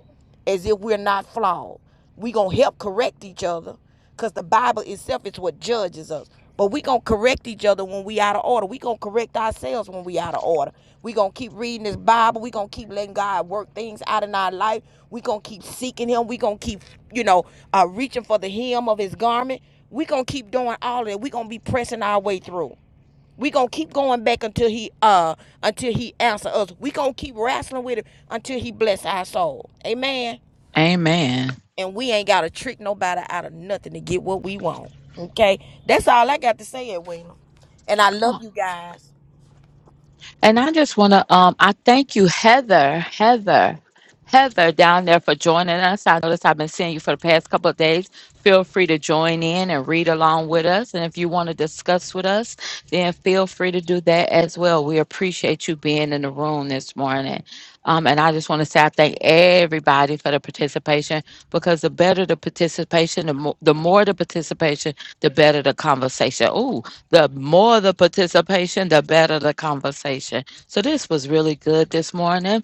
A: as if we're not flawed. We gonna help correct each other, cause the Bible itself is what judges us. But we gonna correct each other when we out of order. We gonna correct ourselves when we out of order. We gonna keep reading this Bible. We gonna keep letting God work things out in our life. We gonna keep seeking Him. We gonna keep, you know, uh, reaching for the hem of His garment. We gonna keep doing all that. We gonna be pressing our way through. We gonna keep going back until he uh until he answer us. We gonna keep wrestling with him until he bless our soul. Amen.
B: Amen.
A: And we ain't gotta trick nobody out of nothing to get what we want. Okay, that's all I got to say, Edwina. And I love you guys.
B: And I just want to, um, I thank you, Heather, Heather, Heather, down there for joining us. I noticed I've been seeing you for the past couple of days. Feel free to join in and read along with us. And if you want to discuss with us, then feel free to do that as well. We appreciate you being in the room this morning. Um, and I just want to say I thank everybody for the participation because the better the participation, the, mo- the more the participation, the better the conversation. Oh, the more the participation, the better the conversation. So this was really good this morning.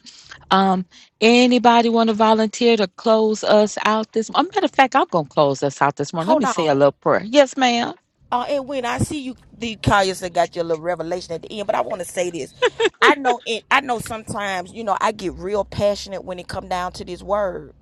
B: Um, anybody want to volunteer to close us out this? A matter of fact, I'm gonna close us out this morning. Let
A: Hold
B: me say a
A: on.
B: little prayer. Yes, ma'am.
A: Uh, and when I see you, the Kaya said got your little revelation at the end, but I want to say this. I know it. I know sometimes, you know, I get real passionate when it come down to this word,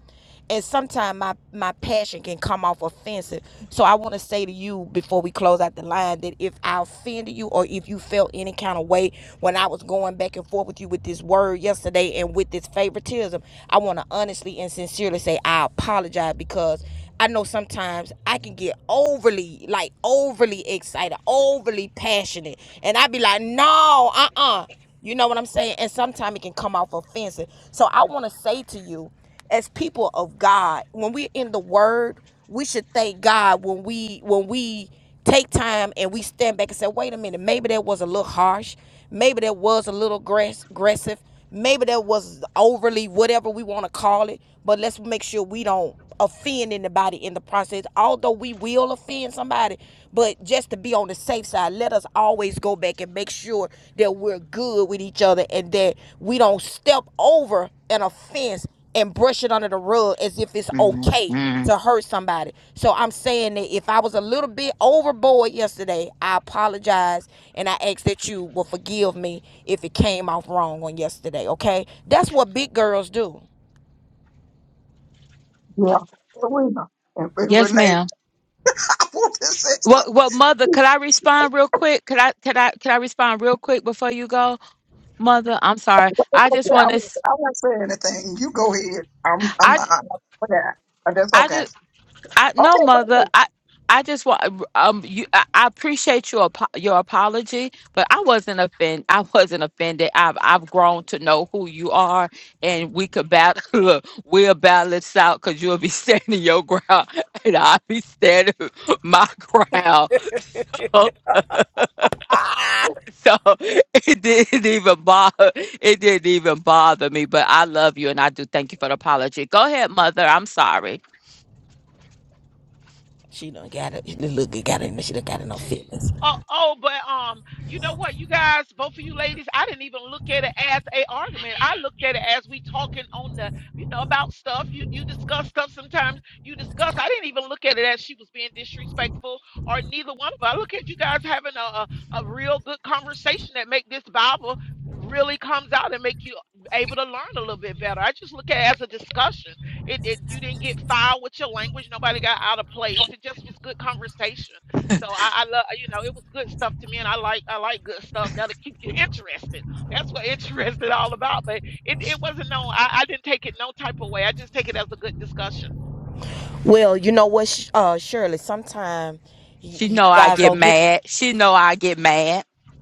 A: and sometimes my my passion can come off offensive. So I want to say to you before we close out the line that if I offended you or if you felt any kind of way when I was going back and forth with you with this word yesterday and with this favoritism, I want to honestly and sincerely say I apologize because I know sometimes I can get overly, like overly excited, overly passionate, and I be like, no, uh uh. You know what I'm saying? And sometimes it can come off offensive. So I want to say to you, as people of God, when we're in the Word, we should thank God when we when we take time and we stand back and say, wait a minute, maybe that was a little harsh, maybe that was a little aggress- aggressive, maybe that was overly whatever we want to call it. But let's make sure we don't offend anybody in the process. Although we will offend somebody, but just to be on the safe side, let us always go back and make sure that we're good with each other and that we don't step over an offense and brush it under the rug as if it's okay
B: Mhm.
A: to hurt somebody. So I'm saying that if I was a little bit overboard yesterday, I apologize and I ask that you will forgive me if it came off wrong on yesterday, okay? That's what big girls do.
C: Yeah, it will. And, and
B: Yes,
C: Renee,
B: ma'am.
C: *laughs* this is
B: What? What, mother? Could I respond real quick? Could I? Could I? Could I respond real quick before you go, mother? I'm sorry. I
C: okay.
B: just
C: I
B: want to.
C: won't, I won't say anything. You go ahead. I'm, I'm
B: I.
C: not. That's
B: I
C: okay.
B: just. I no mother. I I just want um you. I, I appreciate your apo- your apology, but I wasn't offended. I wasn't offended. I've I've grown to know who you are, and we could battle. *laughs* Look, we'll battle this out because you'll be *laughs* standing your ground, *laughs* and I'll be standing *laughs* my ground. *laughs* So it didn't even bother. It didn't even bother me. But I love you, and I do thank you for the apology. Go ahead, mother. I'm sorry.
A: She done got it. Look, it got it. She done got enough feelings.
E: Oh, oh, but um, you know what, you guys, both of you ladies, I didn't even look at it as a argument. I looked at it as we talking on the, you know, about stuff. You you discuss stuff sometimes. You discuss. I didn't even look at it as she was being disrespectful or neither one of. us. I look at you guys having a a, a real good conversation that make this Bible really comes out and make you able to learn a little bit better. I just look at it as a discussion. It, it you didn't get foul with your language. Nobody got out of place. It just was good conversation so I, I love, you know, it was good stuff to me, and I like, I like good stuff that'll keep you interested. That's what *laughs* interested all about. But it, it wasn't no, I, I didn't take it no type of way. I just take it as a good discussion.
A: Well, you know what, uh, Shirley? Sometimes
B: She
A: you
B: know I
A: guys
B: get
A: don't get.
B: mad. She know I get mad.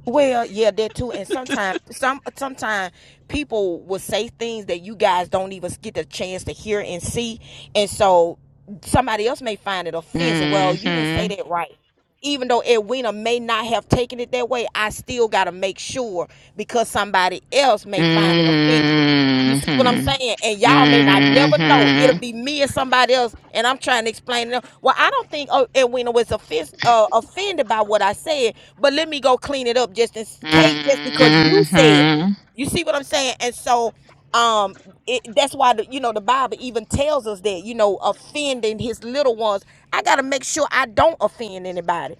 A: Well, yeah, that too. And sometimes, some sometimes people will say things that you guys don't even get the chance to hear and see, and so somebody else may find it offensive. Well, you didn't say
B: Mhm.
A: that right. Even though Edwina may not have taken it that way, I still got to make sure because somebody else may find it offensive. You see what I'm
B: Mhm.
A: saying? And y'all may not never know. It'll
B: Mhm.
A: be me and somebody else, and I'm trying to explain to them. Well, I don't think oh, Edwina was offens- uh, offended by what I said, but let me go clean it up just in case, just because you said it.
B: Mhm.
A: You see what I'm saying? And so um it, that's why the, you know the bible even tells us that you know offending his little ones i gotta make sure i don't offend anybody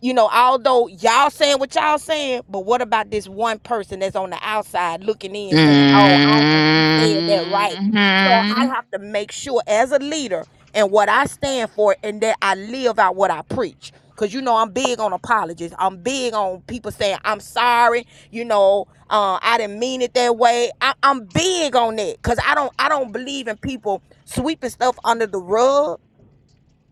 A: you know, although y'all saying what y'all saying, but what about this one person that's on the outside looking in saying, oh, I don't think you said that right. So I
B: Mhm.
A: have to make sure as a leader and what I stand for and that I live out what I preach. Cause you know I'm big on apologies. I'm big on people saying I'm sorry. You know, uh, I didn't mean it that way. I, I'm big on that. Cause I don't I don't believe in people sweeping stuff under the rug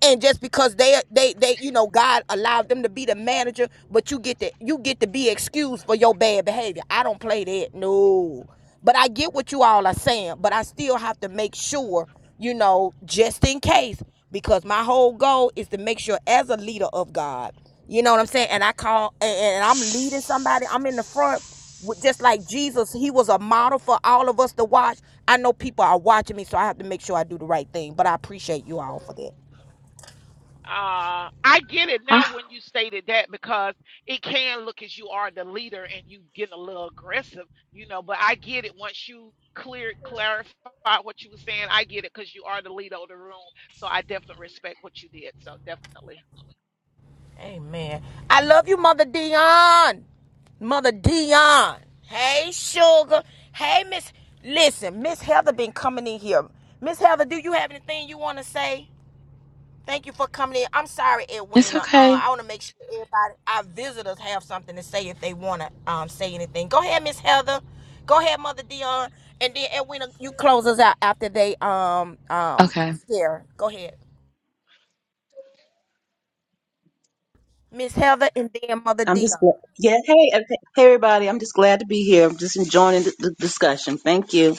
A: and just because they they they you know God allowed them to be the manager, but you get to you get to be excused for your bad behavior. I don't play that, no. But I get what you all are saying, but I still have to make sure, you know, just in case, because my whole goal is to make sure as a leader of God, you know what I'm saying. And I call and, and I'm leading somebody. I'm in the front. Just like Jesus, he was a model for all of us to watch. I know people are watching me, so I have to make sure I do the right thing. But I appreciate you all for that.
E: Uh, I get it now
B: Ah,
E: when you stated that because it can look as you are the leader and you getting a little aggressive, you know. But I get it once you clear clarified what you were saying. I get it because you are the leader of the room. So I definitely respect what you did. So definitely,
A: Amen. I love you, Mother Dion. Mother Dion. Hey, sugar. Hey, Miss. Listen, Miss Heather been coming in here. Miss Heather, do you have anything you want to say? Thank you for coming in. I'm sorry,
B: it's
A: Edwina. Uh,
B: okay.
A: I want to make sure everybody, our visitors, have something to say if they want to um, say anything. Go ahead, Miss Heather. Go ahead, Mother Dion, and then Edwina, you close us out after they um um
B: Okay.
A: share. Go ahead, Miss Heather, and then Mother
G: I'm just
A: Dion.
G: glad. Yeah. Hey, okay. hey, everybody. I'm just glad to be here. I'm just enjoying the, the discussion. Thank you.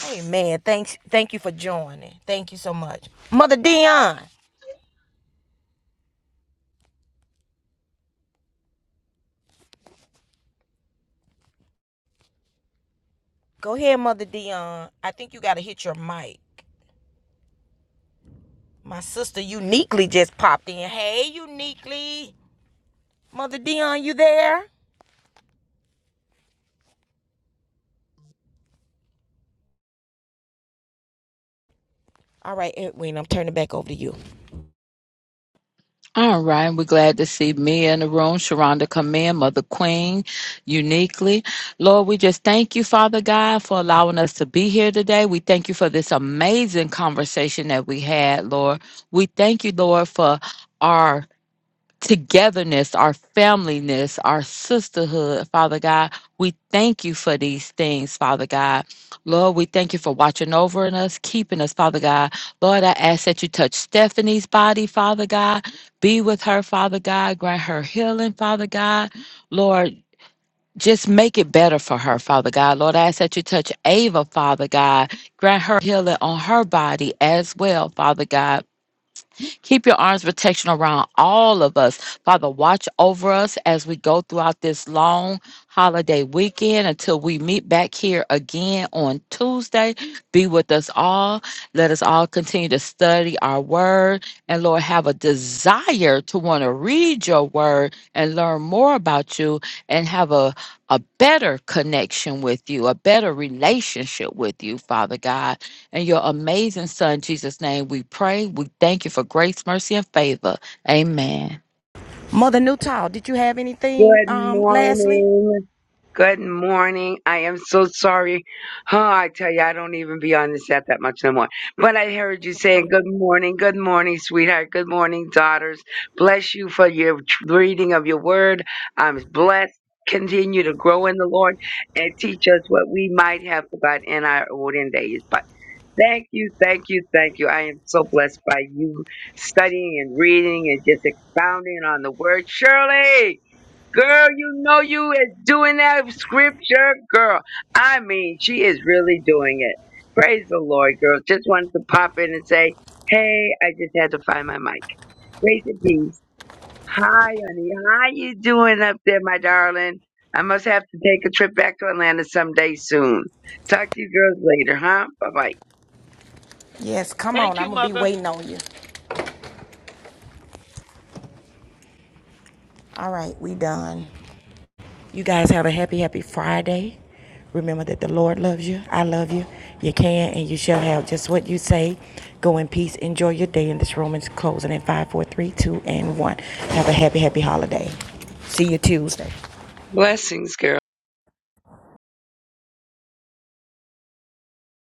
A: Hey man, thanks thank you for joining. Thank you so much. Mother Dion. Go ahead, Mother Dion. I think you gotta hit your mic. My sister uniquely just popped in. Hey uniquely. Mother Dion, you there? All right, Edwin, I'm turning back over to you.
B: All right. We're glad to see Mia in the room. Sharonda come in, Mother Queen, uniquely. Lord, we just thank you, Father God, for allowing us to be here today. We thank you for this amazing conversation that we had, Lord. We thank you, Lord, for our togetherness, our familyness, our sisterhood, Father God. We thank you for these things, Father God. Lord, we thank you for watching over in us, keeping us, Father God. Lord, I ask that you touch Stephanie's body, Father God. Be with her, Father God. Grant her healing, Father God. Lord, just make it better for her, Father God. Lord, I ask that you touch Ava, Father God. Grant her healing on her body as well, Father God. Keep your arms protection around all of us. Father, watch over us as we go throughout this long holiday weekend until we meet back here again on Tuesday. Be with us all. Let us all continue to study our word and Lord have a desire to want to read your word and learn more about you and have a a better connection with you, a better relationship with you, Father God. In your amazing Son, Jesus' name, we pray. We thank you for grace, mercy, and favor. Amen.
A: Mother Newtall, did you have anything
H: Good
A: um lastly?
H: morning. Good morning. I am so sorry. Oh, I tell you, I don't even be on this app that much no more. But I heard
A: Hey,
H: you
A: good
H: saying
A: morning.
H: good morning, good morning, sweetheart, good morning, daughters. Bless you for your tr- reading of your word. I'm blessed. Continue to grow in the Lord and teach us what we might have forgotten in our olden days. But thank you, thank you, thank you. I am so blessed by you studying and reading and just expounding on the word. Shirley! Girl, you know you is doing that scripture, girl. I mean, she is really doing it. Praise the Lord, girl. Just wanted to pop in and say, hey, I just had to find my mic. Grace and peace. Hi, honey. How you doing up there, my darling? I must have to take a trip back to Atlanta someday soon. Talk to you girls later, huh? Bye bye.
A: Yes, come on.
E: thank you,
A: I'm gonna be
E: mother.
A: waiting on you. All right, we done. You guys have a happy, happy Friday. Remember that the Lord loves you. I love you. You can and you shall have just what you say. Go in peace. Enjoy your day. And this room is closing at 5, 4, 3, 2, and 1. Have a happy, happy holiday. See you Tuesday.
H: Blessings, girl.